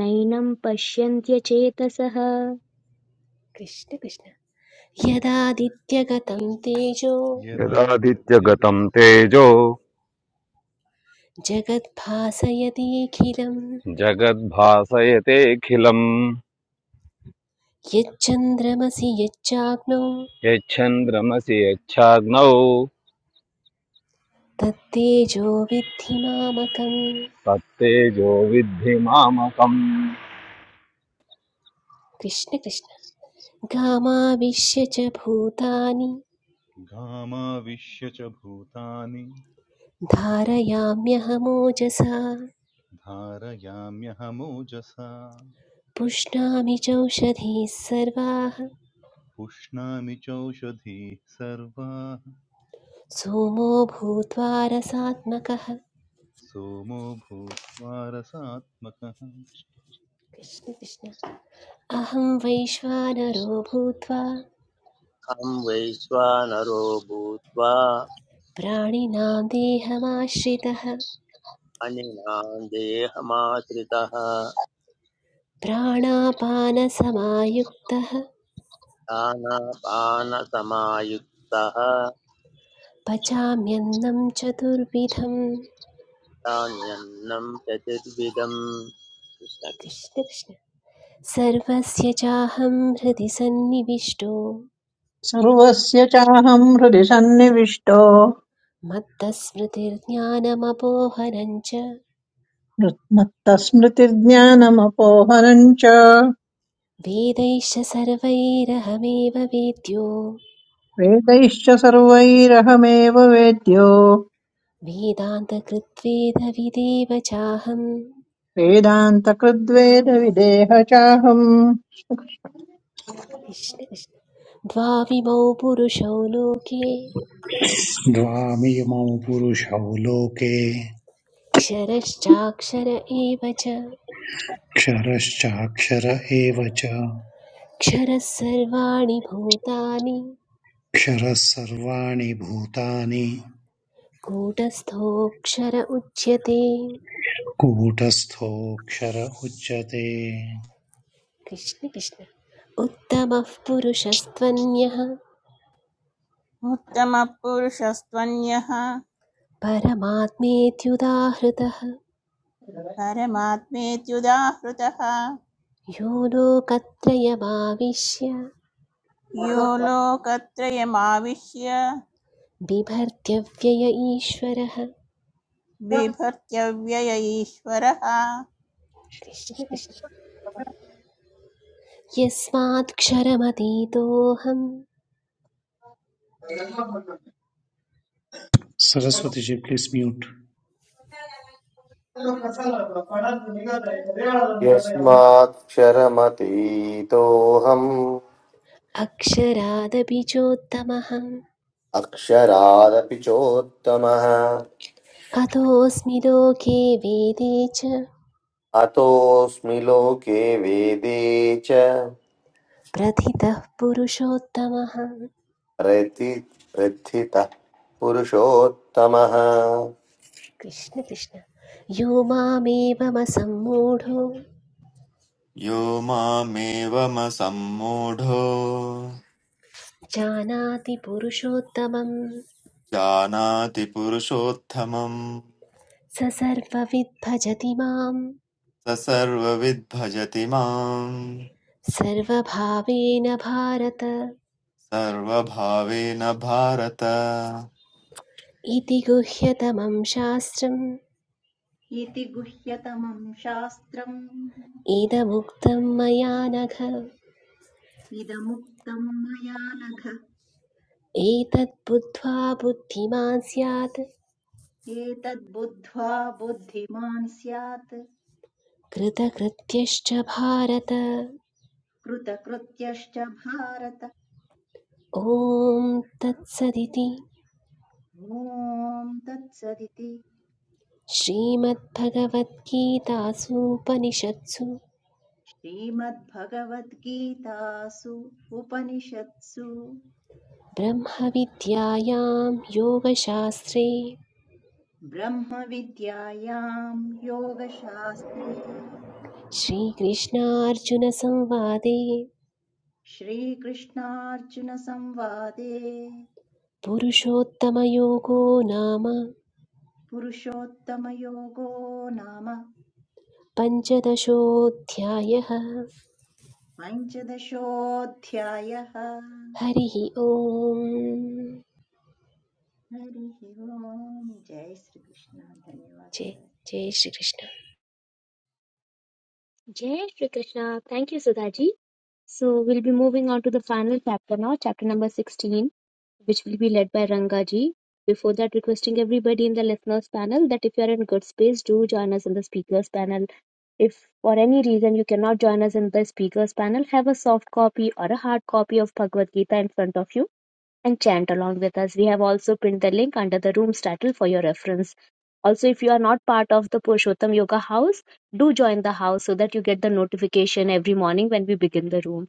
Speaker 1: नैनं पश्यन्त्यचेतसः
Speaker 7: कृष्ण कृष्ण यदादित्यगतं तेजो
Speaker 11: यदादित्यगतम्
Speaker 6: यदादित्यघामाविश्य
Speaker 11: तेजो
Speaker 7: जगद्भासयतीखिलम्
Speaker 11: जगद्भासयतेऽखिलम्
Speaker 7: यच्चन्द्रमसि यच्चाग्नौ
Speaker 11: यच्छन्द्रमसि यच्छाग्नौ
Speaker 7: तत्तेजो विद्धि मामकम्
Speaker 11: तत्तेजो विद्धि मामकम्
Speaker 7: कृष्ण कृष्ण गामाविश्य च भूतानि
Speaker 6: च भूतानि
Speaker 7: धारयाम्यहमोजसा
Speaker 6: धारयाम्यहमोजसा
Speaker 7: पुष्णामि चौषधीः सर्वाः
Speaker 6: पुष्णामि चौषधीः सर्वाः
Speaker 7: सोमो भूत्वा रसात्मकः
Speaker 6: सोमो भूत्वा रसात्मकः
Speaker 7: कृष्ण कृष्ण अहं वैश्वानरो भूत्वा
Speaker 2: अहं वैश्वानरो भूत्वा
Speaker 7: प्राणिनां देहमाश्रितः
Speaker 2: अनिनां देहमाश्रितः
Speaker 7: प्राणापानसमायुक्तः
Speaker 2: दानापानसमायुक्तः
Speaker 7: पचाम्यन्नं चतुर्विधं
Speaker 2: धान्यन्नं चतुर्विधं कृष्ण कृष्ण
Speaker 7: कृष्ण कृष्ण सर्वस्य चाहं हृदि सन्निविष्टो
Speaker 3: सर्वस्य चाहं हृदि सन्निविष्टो
Speaker 7: मत्तस्मृतिर्ज्ञानमपोहरं च
Speaker 3: मत्तस्मृतिर्ज्ञानमपोहनम् च
Speaker 7: वेदैश्च सर्वैरहमेव वेद्यो
Speaker 3: वेदैश्च सर्वैरहमेव वेद्यो
Speaker 7: वेदान्तकृत्वेदविदेव चाहं
Speaker 3: वेदान्तकृद्वेदविदेह चाहम्
Speaker 7: कृष्ण कृष्ण द्वाविमौ पुरुषौ लोके
Speaker 4: द्वामिमौ पुरुषौ लोके
Speaker 7: क्षरश्चाक्षर एव च
Speaker 4: क्षरश्चाक्षर एव च
Speaker 7: क्षरः सर्वाणि भूतानि
Speaker 4: क्षरः सर्वाणि भूतानि
Speaker 7: कूटस्थोऽक्षर उच्यते
Speaker 4: कूटस्थोऽक्षर उच्यते
Speaker 7: कृष्ण कृष्ण उत्तमः पुरुषस्त्वन्यः
Speaker 5: उत्तमपुरुषस्त्वन्यः
Speaker 7: परमात्मेत्युदाहृतः
Speaker 5: परमात्मेत्युदाहृतः
Speaker 7: यो लोकत्रयमाविश्य
Speaker 5: यो लोकत्रयमाविश्य
Speaker 7: बिभर्त्यव्यय ईश्वरः
Speaker 5: बिभर्त्य व्यय ईश्वरः कृष्ण
Speaker 7: कृष्ण कृष्ण
Speaker 5: कृष्ण
Speaker 7: यस्मात्क्षरमतीतोऽहम्
Speaker 4: सरस्वती जी प्लीस् म्यूट्
Speaker 8: यस्माक्षरमतीतोऽहम्
Speaker 7: अक्षरादपि चोत्तमः
Speaker 8: अक्षरादपि चोत्तमः
Speaker 7: अतोऽस्मि लोके वेदे च
Speaker 8: अतोऽस्मि लोके वेदे च
Speaker 7: प्रथितः पुरुषोत्तमः
Speaker 8: प्रति प्रथितः पुरुषोत्तमः
Speaker 7: कृष्ण कृष्ण यो मामेवमसम्मूढो
Speaker 9: यो मामेवमसम्मूढो
Speaker 7: जानाति पुरुषोत्तमं
Speaker 9: जानाति पुरुषोत्तमम्
Speaker 7: स सर्वविद् भजति मां
Speaker 9: स सर्वविद् भजति माम्
Speaker 7: सर्वभावेन भारत
Speaker 9: सर्वभावेन भारत
Speaker 7: इति गुह्यतमं शास्त्रम्
Speaker 10: इति गुह्यतमं शास्त्रम्
Speaker 7: इदमुक्तं मया नघ
Speaker 10: इदमुक्तं मया नघ
Speaker 7: एतत् बुद्ध्वा बुद्धिमान् स्यात्
Speaker 10: एतद्बुद्ध्वा बुद्धिमान् स्यात्
Speaker 7: कृतकृत्यश्च भारत
Speaker 10: कृतकृत्यश्च भारत
Speaker 7: ॐ तत्सदिति
Speaker 10: ॐ तत्सदिति
Speaker 7: श्रीमद्भगवद्गीतासूपनिषत्सु
Speaker 10: श्रीमद्भगवद्गीतासु उपनिषत्सु
Speaker 7: ब्रह्मविद्यायां योगशास्त्रे
Speaker 10: ब्रह्मविद्यायां योगशास्त्रे
Speaker 7: श्रीकृष्णार्जुनसंवादे
Speaker 10: श्रीकृष्णार्जुनसंवादे
Speaker 7: पुरुषोत्तमयोगो नाम
Speaker 10: पुरुषोत्तमयोगो नाम
Speaker 7: पञ्चदशोऽध्यायः
Speaker 10: पञ्चदशोऽध्यायः
Speaker 7: हरिः ओम्
Speaker 10: हरिः ओम् जय श्रीकृष्ण
Speaker 7: जय
Speaker 10: धन्यवादः
Speaker 7: जय Shri Krishna
Speaker 1: Jai Shri Krishna. Thank you, Sudhaji. So we'll be moving on to the final chapter now, chapter number 16, which will be led by Rangaji. Before that, requesting everybody in the listeners panel that if you are in good space, do join us in the speakers panel. If for any reason you cannot join us in the speakers panel, have a soft copy or a hard copy of Bhagavad Gita in front of you and chant along with us. We have also pinned the link under the room's title for your reference. Also, if you are not part of the Purushottam Yoga house, do join the house so that you get the notification every morning when we begin the room.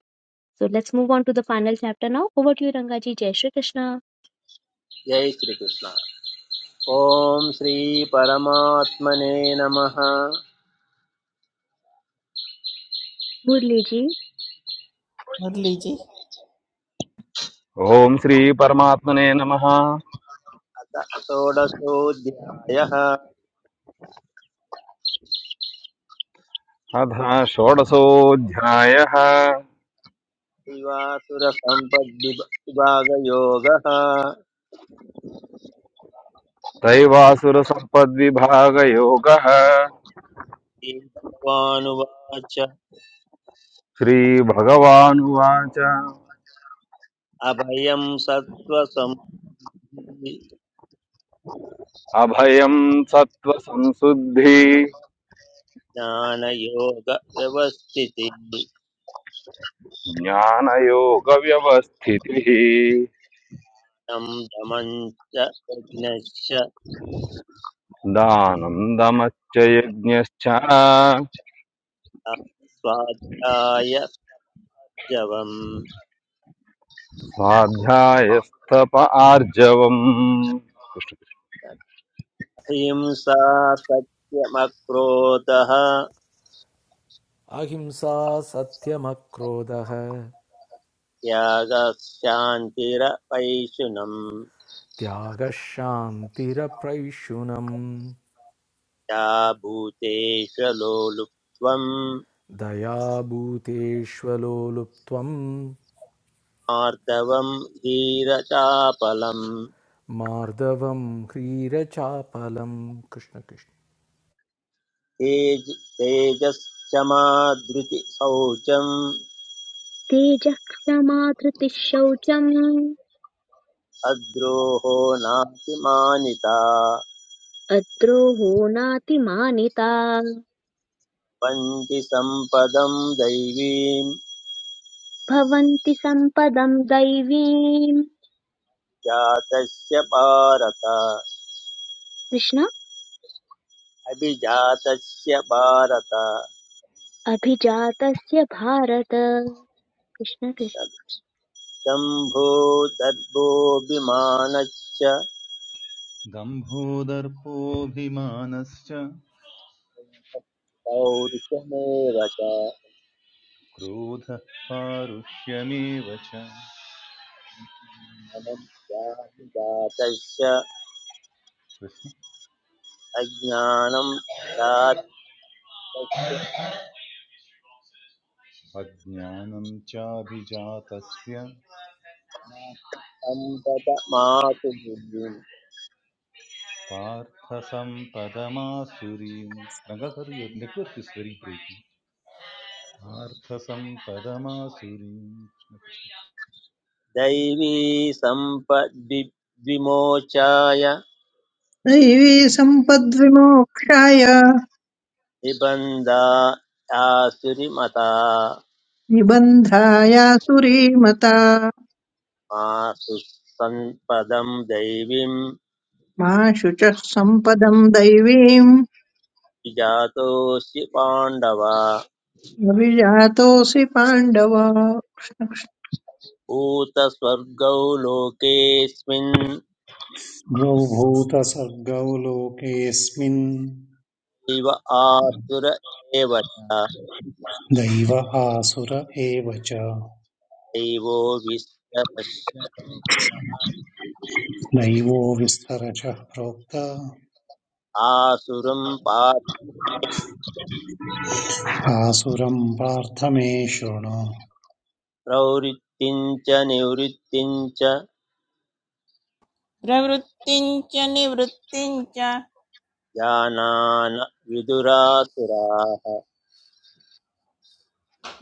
Speaker 1: So let's move on to the final chapter now. Over to you, Rangaji. Jai Shri Krishna.
Speaker 2: जय श्रीकृष्ण श्री श्रीपरमात्मने नमः
Speaker 1: मुरलीजी
Speaker 5: मुरलीजी
Speaker 11: ॐ श्रीपरमात्मने नमः
Speaker 2: षोडशोऽध्यायः
Speaker 11: अथ षोडशोऽध्यायः
Speaker 2: दैवासुरसम्पद्विभागयोगः
Speaker 11: दैवासुरसम्पद्विभागयोगः
Speaker 2: श्रीभगवानुवाच
Speaker 11: श्रीभगवानुवाच
Speaker 2: अभयं सत्त्वसमाधि
Speaker 11: अभयं सत्त्वसंशुद्धि
Speaker 2: ज्ञानयोगव्यवस्थितिः
Speaker 11: ज्ञानयोगव्यवस्थितिः
Speaker 2: तं दमं च यज्ञश्च
Speaker 11: दानं दमश्च यज्ञश्च
Speaker 2: स्वाध्याय जवम्
Speaker 11: स्वाध्यायस्तप आर्जवम्
Speaker 2: अहिंसा सत्यमक्रोधः
Speaker 12: अहिंसा सत्यमक्रोधः
Speaker 2: त्यागः शान्तिरपैशुनम्
Speaker 12: त्यागः शान्तिरप्रैषुनम्
Speaker 2: या भूतेशलोलुप्त्वम्
Speaker 12: दयाभूतेष्वलोलुप्त्वं
Speaker 2: आर्दवम् धीरचापलम्
Speaker 12: मार्दवं ह्रीरचापलं कृष्णकृष्ण
Speaker 2: तेज तेजश्चमादृतिशौचम्
Speaker 1: तेजः क्षमाधृतिः शौचम्
Speaker 2: अद्रोहो नातिमानिता
Speaker 1: अद्रोहो नातिमानिता
Speaker 2: वन्ति सम्पदम् दैवीम्
Speaker 1: भवन्ति सम्पदम् दैवीम्
Speaker 2: जातस्य भारत
Speaker 1: कृष्ण
Speaker 2: अभिजातस्य भारत
Speaker 1: अभिजातस्य भारत कृष्ण
Speaker 2: दम्भो दर्भोऽभिमानश्च
Speaker 6: दम्भोदर्पोऽभिमानश्च
Speaker 2: पौरुषमेव च
Speaker 6: क्रोधः पारुष्यमेव च
Speaker 2: ज्ञानज्ञातश्च
Speaker 6: कृष्ण
Speaker 2: अज्ञानं चार्थस्य
Speaker 6: अज्ञानं चाभिजातस्य
Speaker 2: सम्पदमातु बुद्धिं
Speaker 6: पार्थसम्पदमासुरीं Rangakaru network is very breaking पार्थसम्पदमासुरीं
Speaker 2: दैवी सम्पद्विमोचाय
Speaker 3: दैवी सम्पद्विमोक्षाय
Speaker 2: निबन्धा आसुरिमता
Speaker 3: निबन्धायासुरे मता
Speaker 2: मासु सम्पदं दैवीं
Speaker 3: मा शुचः सम्पदम् दैवीम्
Speaker 2: विजातोऽसि पाण्डव
Speaker 3: अभिजातोऽसि पाण्डव
Speaker 2: भूतस्वर्गौ लोकेऽस्मिन्
Speaker 4: द्वौ भूतसर्गौ लोकेऽस्मिन्
Speaker 2: इव आसुर एव च
Speaker 4: दैव आसुर एव च
Speaker 2: दैवो विश्वपश्य
Speaker 4: दैवो विस्तरशः प्रोक्त
Speaker 2: आसुरं
Speaker 4: आसुरम् पार्थ मे शृणु
Speaker 2: पात्रवृत्तिं च निवृत्तिं च
Speaker 5: प्रवृत्तिञ्च निवृत्तिञ्च
Speaker 2: जानान विदुरासुराः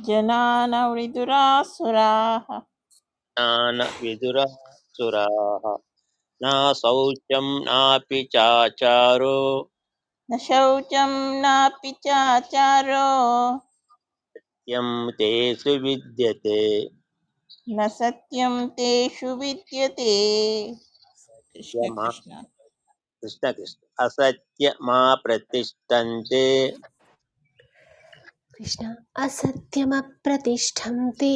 Speaker 5: जनानवृदुरासुराः
Speaker 2: ज्ञान विदुरासुराः न शौचं नापि चाचारो
Speaker 5: न शौचं नापि चाचारो
Speaker 2: यं तेषु विद्यते
Speaker 5: न सत्यं तेषु विद्यते कृष्ण
Speaker 2: यम
Speaker 5: कृष्ण
Speaker 2: कृष्णकृष्ण असत्य मा प्रतिष्ठन्ते
Speaker 7: कृष्ण असत्यमप्रतिष्ठं ते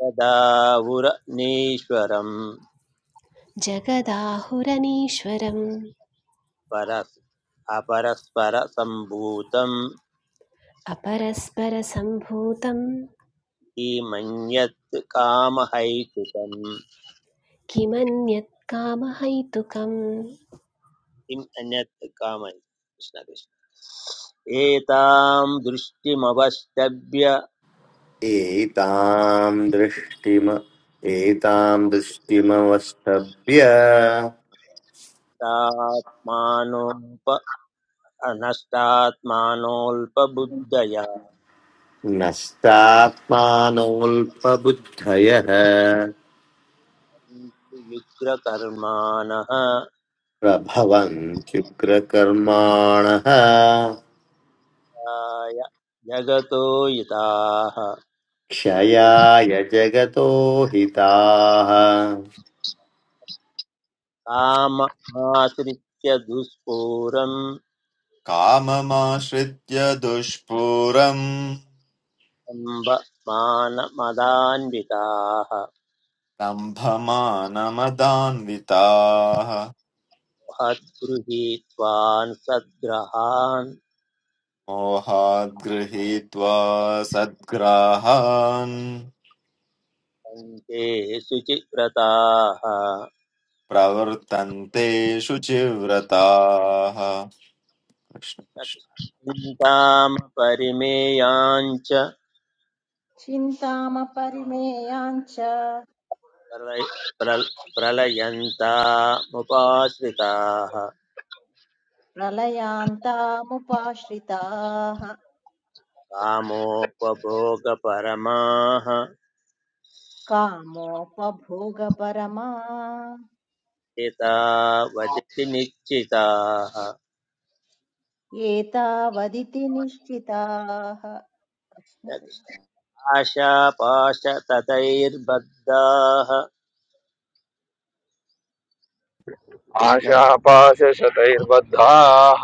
Speaker 2: तदाहुरनीश्वरम्
Speaker 7: जगदाहुरनीश्वरम्
Speaker 2: परस् अपरस्परसम्भूतं
Speaker 7: अपरस्परसम्भूतं
Speaker 2: किमन्यत् कामहैतुकम्
Speaker 7: किमन्यत् कामहैतुकम्
Speaker 2: किम् अन्यत् कामहै कृष्ण कृष्ण एतां दृष्टिमवस्तभ्य
Speaker 8: एतां दृष्टिम एतां दृष्टिमवष्टभ्य
Speaker 2: तात्मानोप नष्टात्मानोऽल्पबुद्धया
Speaker 8: नष्टात्मानोऽल्पबुद्धयः
Speaker 2: युग्रकर्माणः
Speaker 8: प्रभवन्त्युग्रकर्माणः
Speaker 2: जगतो युताः
Speaker 8: क्षयाय जगतो हिताः
Speaker 2: काममाश्रित्य दुष्पूरम्
Speaker 9: काममाश्रित्य दुष्पूरम्
Speaker 2: अम्ब मानमदान्विताः
Speaker 9: दम्भमानमदान्विताः
Speaker 2: महद्गृहीत्वान् सद्ग्रहान्
Speaker 9: मोहाद् सद्ग्राहान्
Speaker 2: पन्थे शुचिव्रताः
Speaker 9: प्रवर्तन्ते शुचिव्रताः कृष्ण कृष्ण
Speaker 2: चिन्तामपरिमेयाञ्च
Speaker 10: चिन्तामपरिमेयाञ्च
Speaker 2: प्रलय- प्रल- प्रलयन्तामुपाश्रिताः
Speaker 10: प्रलयान्तामुपाश्रिताः
Speaker 2: कामोपभोगपरमाः
Speaker 10: कामोपभोगपरमा
Speaker 2: हिता वजति निश्चिताः
Speaker 10: एतावदिति निश्चिताः कृष्ण कृष्ण
Speaker 2: आशापाशततैर्बद्धाः कृष्ण
Speaker 11: आशापाशशतैर्बद्धाः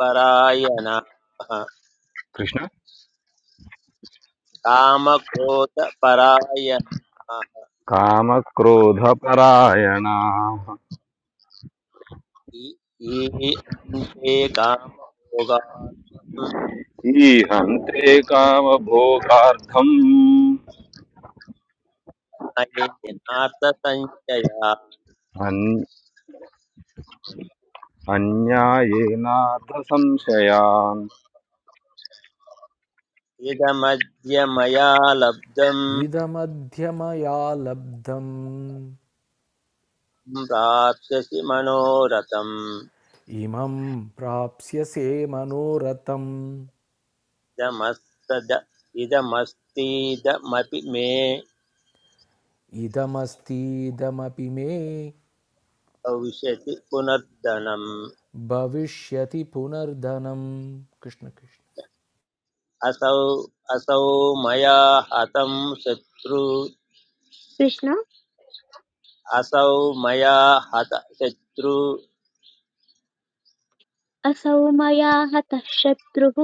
Speaker 2: परायणाः
Speaker 11: कृष्ण
Speaker 2: कामक्रोधपरायणाः
Speaker 11: कामक्रोधपरायणाः
Speaker 2: इ- ईन्ते कामभोगार्थं
Speaker 11: ईहन्ते कामभोगार्थम्
Speaker 2: नये नार्थसञ्चया
Speaker 11: अन्- अन्यायेनार्थसंशयान्
Speaker 2: इदमद्य मया लब्धं
Speaker 12: इदमध्यमया लब्धम्
Speaker 2: प्राप्स्यसि मनोरथम्
Speaker 12: इमं प्राप्स्यसे मनोरथम्
Speaker 2: इदमस्तद इदमस्तीदमपि मे
Speaker 12: इदमस्तीदमपि मे
Speaker 2: भविष्यति पुनर्धनम्
Speaker 12: भविष्यति पुनर्धनम् कृष्णकृष्ण
Speaker 2: असौ असौ मया हतं शत्रु
Speaker 1: कृष्ण
Speaker 2: असौ मया हत शत्रु
Speaker 1: असौ मया हतः शत्रुः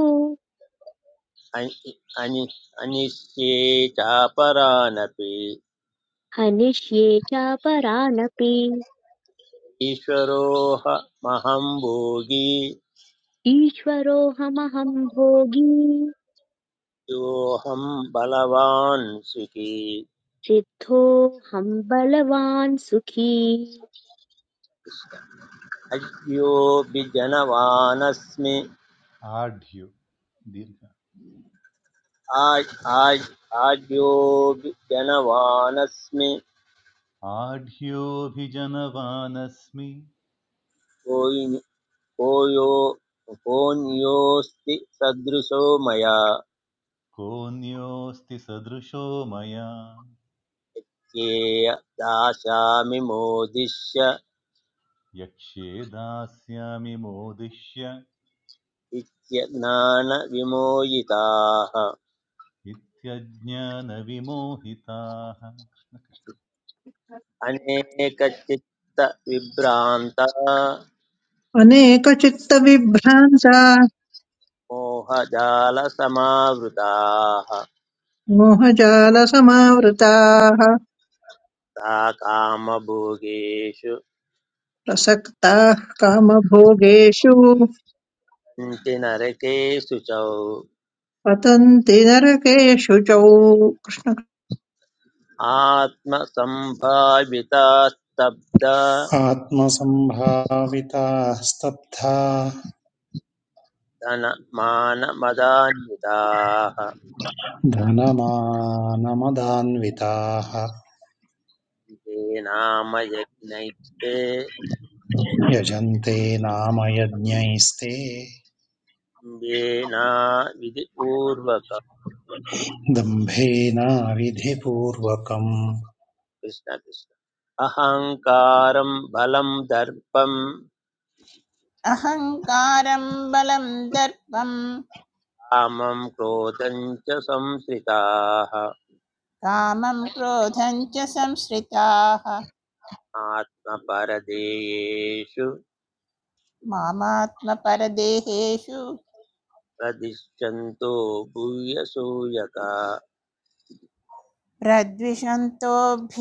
Speaker 2: अनि- अनि- अनिष्ये चापरानपि
Speaker 1: हनिष्ये चापरानपि
Speaker 2: ईश्वरोऽह महं भोगी
Speaker 1: ईश्वरोऽहमहं भोगी
Speaker 2: योऽहं बलवान् सुखी
Speaker 1: सिद्धोऽहं बलवान् सुखी
Speaker 2: अद्योऽपि जनवानस्मि
Speaker 6: आढ्यो दीर्घ
Speaker 2: आज् आज् आद्योऽपि जनवानस्मि
Speaker 6: आढ्योऽभिजनवानस्मि
Speaker 2: कोयि- कोयो कोऽन्योऽस्ति सदृशो मया
Speaker 6: कोऽन्योऽस्ति सदृशो मया
Speaker 2: ये दास्यामि मोदिष्य
Speaker 6: यक्ष्ये दास्यामि मोदिष्य
Speaker 2: इत्यज्ञानविमोहिताः
Speaker 6: नित्यज्ञानविमोहिताः कृष्ण कृष्ण।
Speaker 2: अनेकचित्तविभ्रान्ता
Speaker 3: अनेकचित्तविभ्रान्ता
Speaker 2: मोहजालसमावृताः
Speaker 3: मोहजालसमावृताः
Speaker 2: सा कामभोगेषु
Speaker 3: प्रसक्ताः कामभोगेषु
Speaker 2: सन्ति नरकेषु च
Speaker 3: पतन्ति नरकेषु च
Speaker 2: आत्मसम्भाविता स्तब्धा
Speaker 4: आत्मसम्भाविताः स्तब्धा
Speaker 2: धनमानमदान्विताः
Speaker 4: धनमानमदान्विताः
Speaker 2: ये नाम यज्ञैस्ते
Speaker 4: यजन्ते नाम यज्ञैस्ते
Speaker 2: येना विधिपूर्वक
Speaker 4: दम्भेनाविधिपूर्वकम्
Speaker 2: कृष्ण कृष्ण अहङ्कारं बलं दर्पं
Speaker 5: अहङ्कारं बलं दर्पं
Speaker 2: कामं क्रोधं च संश्रिताः
Speaker 5: कामं क्रोधं च संश्रिताः
Speaker 2: आत्मपरदेयेषु
Speaker 5: मामात्मपरदेहेषु
Speaker 2: प्रदिशन्तो भूयसूयका
Speaker 5: प्रद्विषन्तोऽभ्यसूयकाः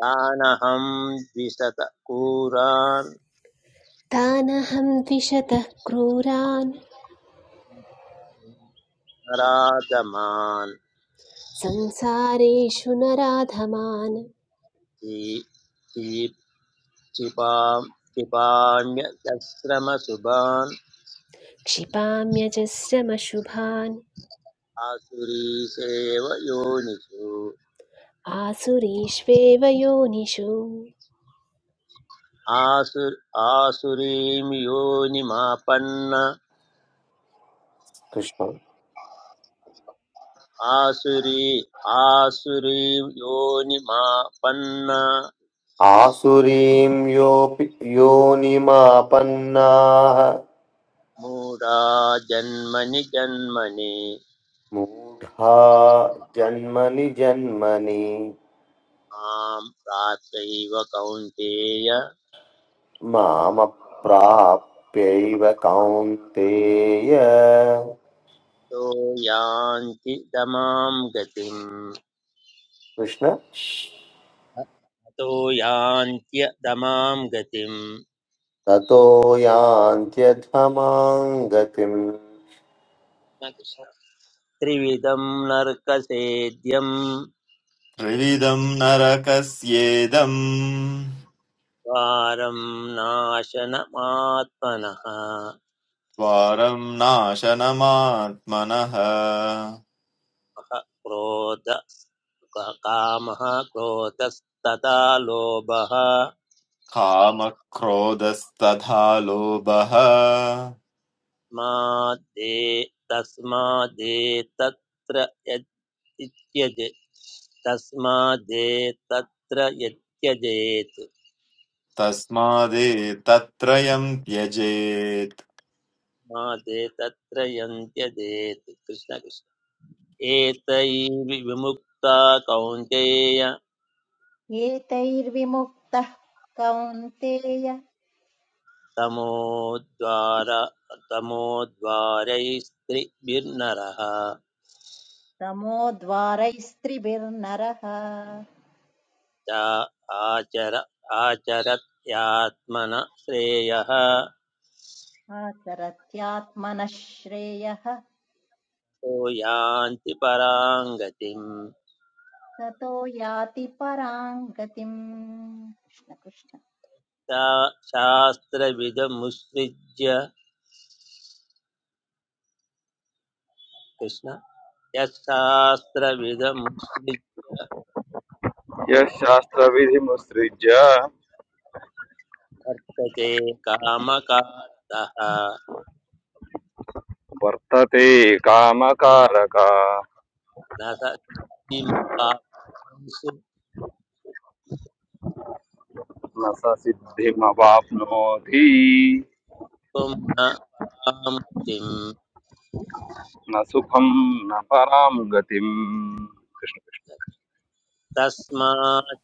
Speaker 2: तानहं द्विशतक्रूरान्
Speaker 7: तानहं द्विषतः क्रूरान्
Speaker 2: नराधमान्
Speaker 7: संसारेषु नराधमान्
Speaker 2: क्षि- क्षि- क्षिपाम्
Speaker 7: क्षिपाम्यजस्रमशुभान्
Speaker 2: आसुरीसेव योनिषु
Speaker 7: आसुरीष्वेव योनिषु
Speaker 2: आसु आसुरीं योनिमापन्न
Speaker 8: कृष्ण
Speaker 2: आसुरी आसुरीं योनिमापन्न
Speaker 8: आसुरीं योऽपि योनिमापन्नाः
Speaker 2: मूढा जन्मनि जन्मनि
Speaker 8: मूढा जन्मनि जन्मनि
Speaker 2: मां प्राप्यैव कौन्तेय
Speaker 8: मामप्राप्यैव कौन्तेय
Speaker 2: तो यान्ति दमां गतिम्
Speaker 8: कृष्ण
Speaker 2: तो यान्त्यदमां गतिम्
Speaker 8: ततो यान्त्यधमां गतिम्
Speaker 2: न कृष्ण त्रिविधं नर्कसेद्यं
Speaker 9: त्रिविधम् नरकस्येदम्
Speaker 2: द्वारं
Speaker 9: द्वारं नाशनमात्मनः
Speaker 2: क्रोध कामः क्रोधस्तथा लोभः
Speaker 9: कामक्रोधस्तथा लोभः
Speaker 2: माद्दे तस्मादेतत्र यत्- इत्यज तस्मादेतत्र यत्यजेत्
Speaker 9: तस्मादेतत्त्रयं त्यजेत्
Speaker 2: मादे तत्र यन्त्यजेत् कृष्ण कृष्ण एतैर्वि- विमुक्ता कौन्तेय
Speaker 10: एतैर्विमुक्तः कौन्तेय
Speaker 2: तमोद्वार तमोद्वारैस्त्रिभिर्नरः
Speaker 10: तमोद्वारैस्त्रिभिर्नरः
Speaker 2: आचर आचरत्यात्मन श्रेयः
Speaker 10: आचरत्यात्मनः श्रेयः
Speaker 2: तो यान्ति परां
Speaker 10: ततो याति परां गतिम् कृष्ण कृष्ण
Speaker 2: शास्त्रविदमुत्सृज्य कृष्ण यशास्त्रविदमुत्सृज्य
Speaker 11: यः शास्त्रविधिमुत्सृज्य
Speaker 2: कामकातः
Speaker 11: वर्तते कामकारक
Speaker 2: न स किमवाप्नुषु
Speaker 11: न स सिद्धिमवाप्नोति
Speaker 2: त्वं न परां
Speaker 11: न सुखं न परां गतिम् कृष्ण कृष्ण।
Speaker 2: तस्मात्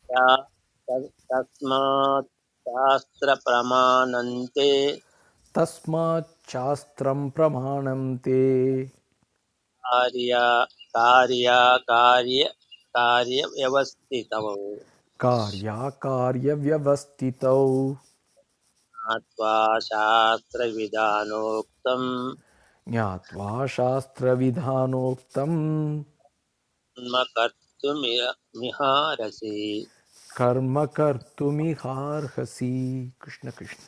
Speaker 2: तस्मात् शास्त्रप्रमाणन्ते
Speaker 12: तस्माच्छास्त्रं प्रमाणं ते
Speaker 2: कार्या कार्याकार्य कार्यव्यवस्थितमं
Speaker 12: कार्याकार्यव्यवस्थितौ
Speaker 2: ज्ञात्वा शास्त्रविधानोक्तं
Speaker 12: ज्ञात्वा शास्त्रविधानोक्तं
Speaker 2: कर्तुमिह मिहारसि
Speaker 12: कर्म कर्तुमिहार्हसि कृष्णकृष्ण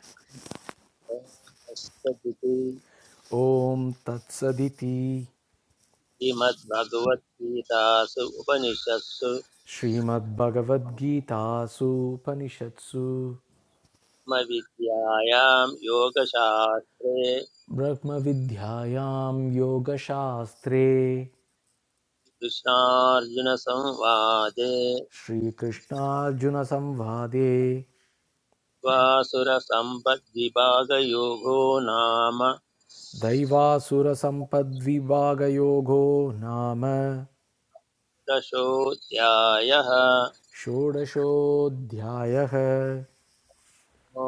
Speaker 2: तस्सदिति
Speaker 12: ॐ तत्सदिति
Speaker 2: श्रीमद्भगवद्गीतासु उपनिषत्सु
Speaker 12: श्रीमद्भगवद्गीतासूपनिषत्सु
Speaker 2: विद्यायां योगशास्त्रे
Speaker 12: ब्रह्मविद्यायां योगशास्त्रे
Speaker 2: कृष्णार्जुनसंवादे
Speaker 12: श्रीकृष्णार्जुनसंवादे
Speaker 2: वासुरसम्पद्विभागयोगो नाम
Speaker 12: दैवासुरसम्पद्विभागयोगो नाम
Speaker 2: दशोऽध्यायः
Speaker 12: षोडशोऽध्यायः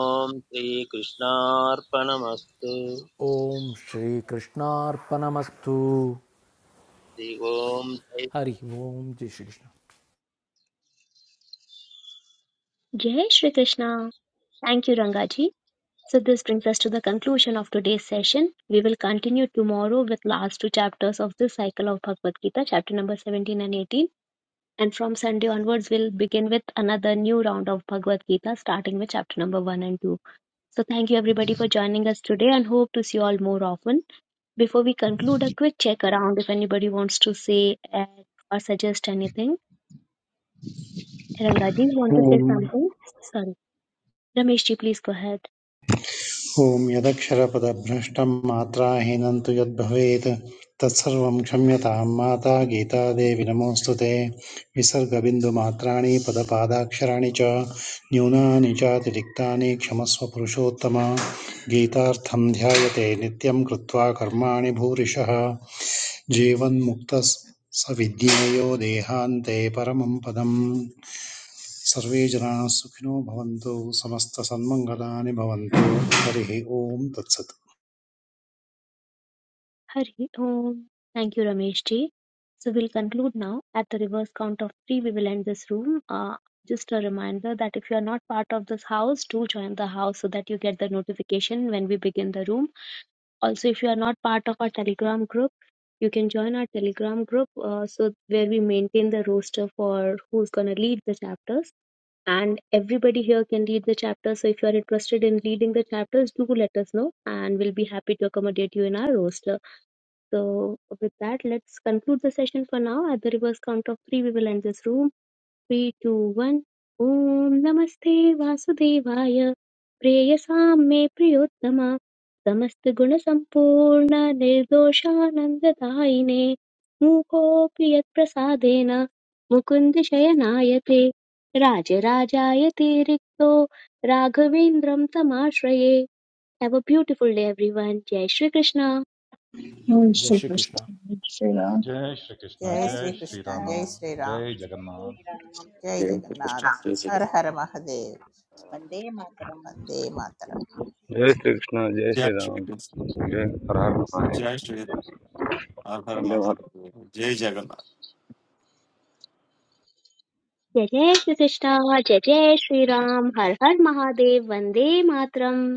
Speaker 2: ॐ श्रीकृष्णार्पणमस्तु
Speaker 12: ॐ श्रीकृष्णार्पणमस्तु
Speaker 2: हरि ओम्
Speaker 12: हरिः ओम जय श्रीकृष्ण
Speaker 1: जय Shri Krishna thank you रंगाजी So this brings us to the conclusion of today's session. We will continue tomorrow with last two chapters of this cycle of Bhagavad Gita, chapter number 17 and 18. And from Sunday onwards, we'll begin with another new round of Bhagavad Gita, starting with chapter number 1 and 2. So thank you everybody for joining us today and hope to see you all more often. Before we conclude, a quick check around if anybody wants to say uh, or suggest anything. Rangaji, you want to say
Speaker 4: ॐ
Speaker 1: something? Sorry. Rameshji, please go ahead.
Speaker 4: ॐ यदक्षरपदभ्रष्टं मात्राहीनं तु यद्भवेत् तत्सर्वं क्षम्यतां माता गीतादेवि नमोऽस्तु ते विसर्गबिन्दुमात्राणि पदपादाक्षराणि च न्यूनानि चातिरिक्तानि क्षमस्व पुरुषोत्तम गीतार्थं ध्यायते नित्यं कृत्वा कर्माणि भूरिशः जीवन्मुक्तः स विद्येयो देहान्ते परमं पदम् सर्वे जनाः सुखिनो भवन्तु समस्तसन्मङ्गलानि भवन्तु हरिः ओम् तत्सत्
Speaker 1: Hari Om. Thank you, Rameshji. So we'll conclude now. At the reverse count of three, we will end this room. Uh, just a reminder that if you are not part of this house, do join the house so that you get the notification when we begin the room Also, if you are not part of our Telegram group, you can join our Telegram group. Uh, so where we maintain the roster for who's gonna lead the chapters, and everybody here can lead the chapter. So if you are interested in leading the chapters, do let us know, and we'll be happy to accommodate you in our roster. So with that, let's conclude the session for now. At the reverse count of three, we will end this room. Three two one ॐ नमस्ते वासुदेवाय प्रेयसां मे प्रियोत्तम समस्तगुणसम्पूर्ण निर्दोषानन्ददायिने मूकोऽपि यत्प्रसादेन मुकुन्द शयनायते राजराजायते रिक्तो राघवेन्द्रं तमाश्रये have a beautiful day everyone जय श्रीकृष्ण
Speaker 3: कृष्ण
Speaker 12: जय श्रीकृष्ण
Speaker 3: श्रीकृष्ण
Speaker 6: जय श्रीकृष्ण
Speaker 5: जय
Speaker 10: जय
Speaker 6: जय
Speaker 5: श्री
Speaker 10: श्रीकृष्ण
Speaker 5: कृष्ण
Speaker 6: श्रीराम
Speaker 5: जय श्री
Speaker 6: जय
Speaker 5: राम
Speaker 10: जय
Speaker 6: जगन्नाथ
Speaker 10: श्रीराम
Speaker 5: जय जगन्नाथ हर हर महादेव
Speaker 10: वन्दे मातरम्
Speaker 5: वंदे मातरम
Speaker 11: जय श्रीकृष्ण जय
Speaker 9: जय
Speaker 11: श्रीराम
Speaker 9: श्रीकृष्ण
Speaker 11: जय हर हर महादेव
Speaker 9: जय श्री हर हर
Speaker 11: वन्दे मातरम्।
Speaker 9: महादेव जय जगन्नाथ
Speaker 1: जय जय श्रीकृष्ण जय जय श्रीराम हर हर महादेव वन्दे मातरम्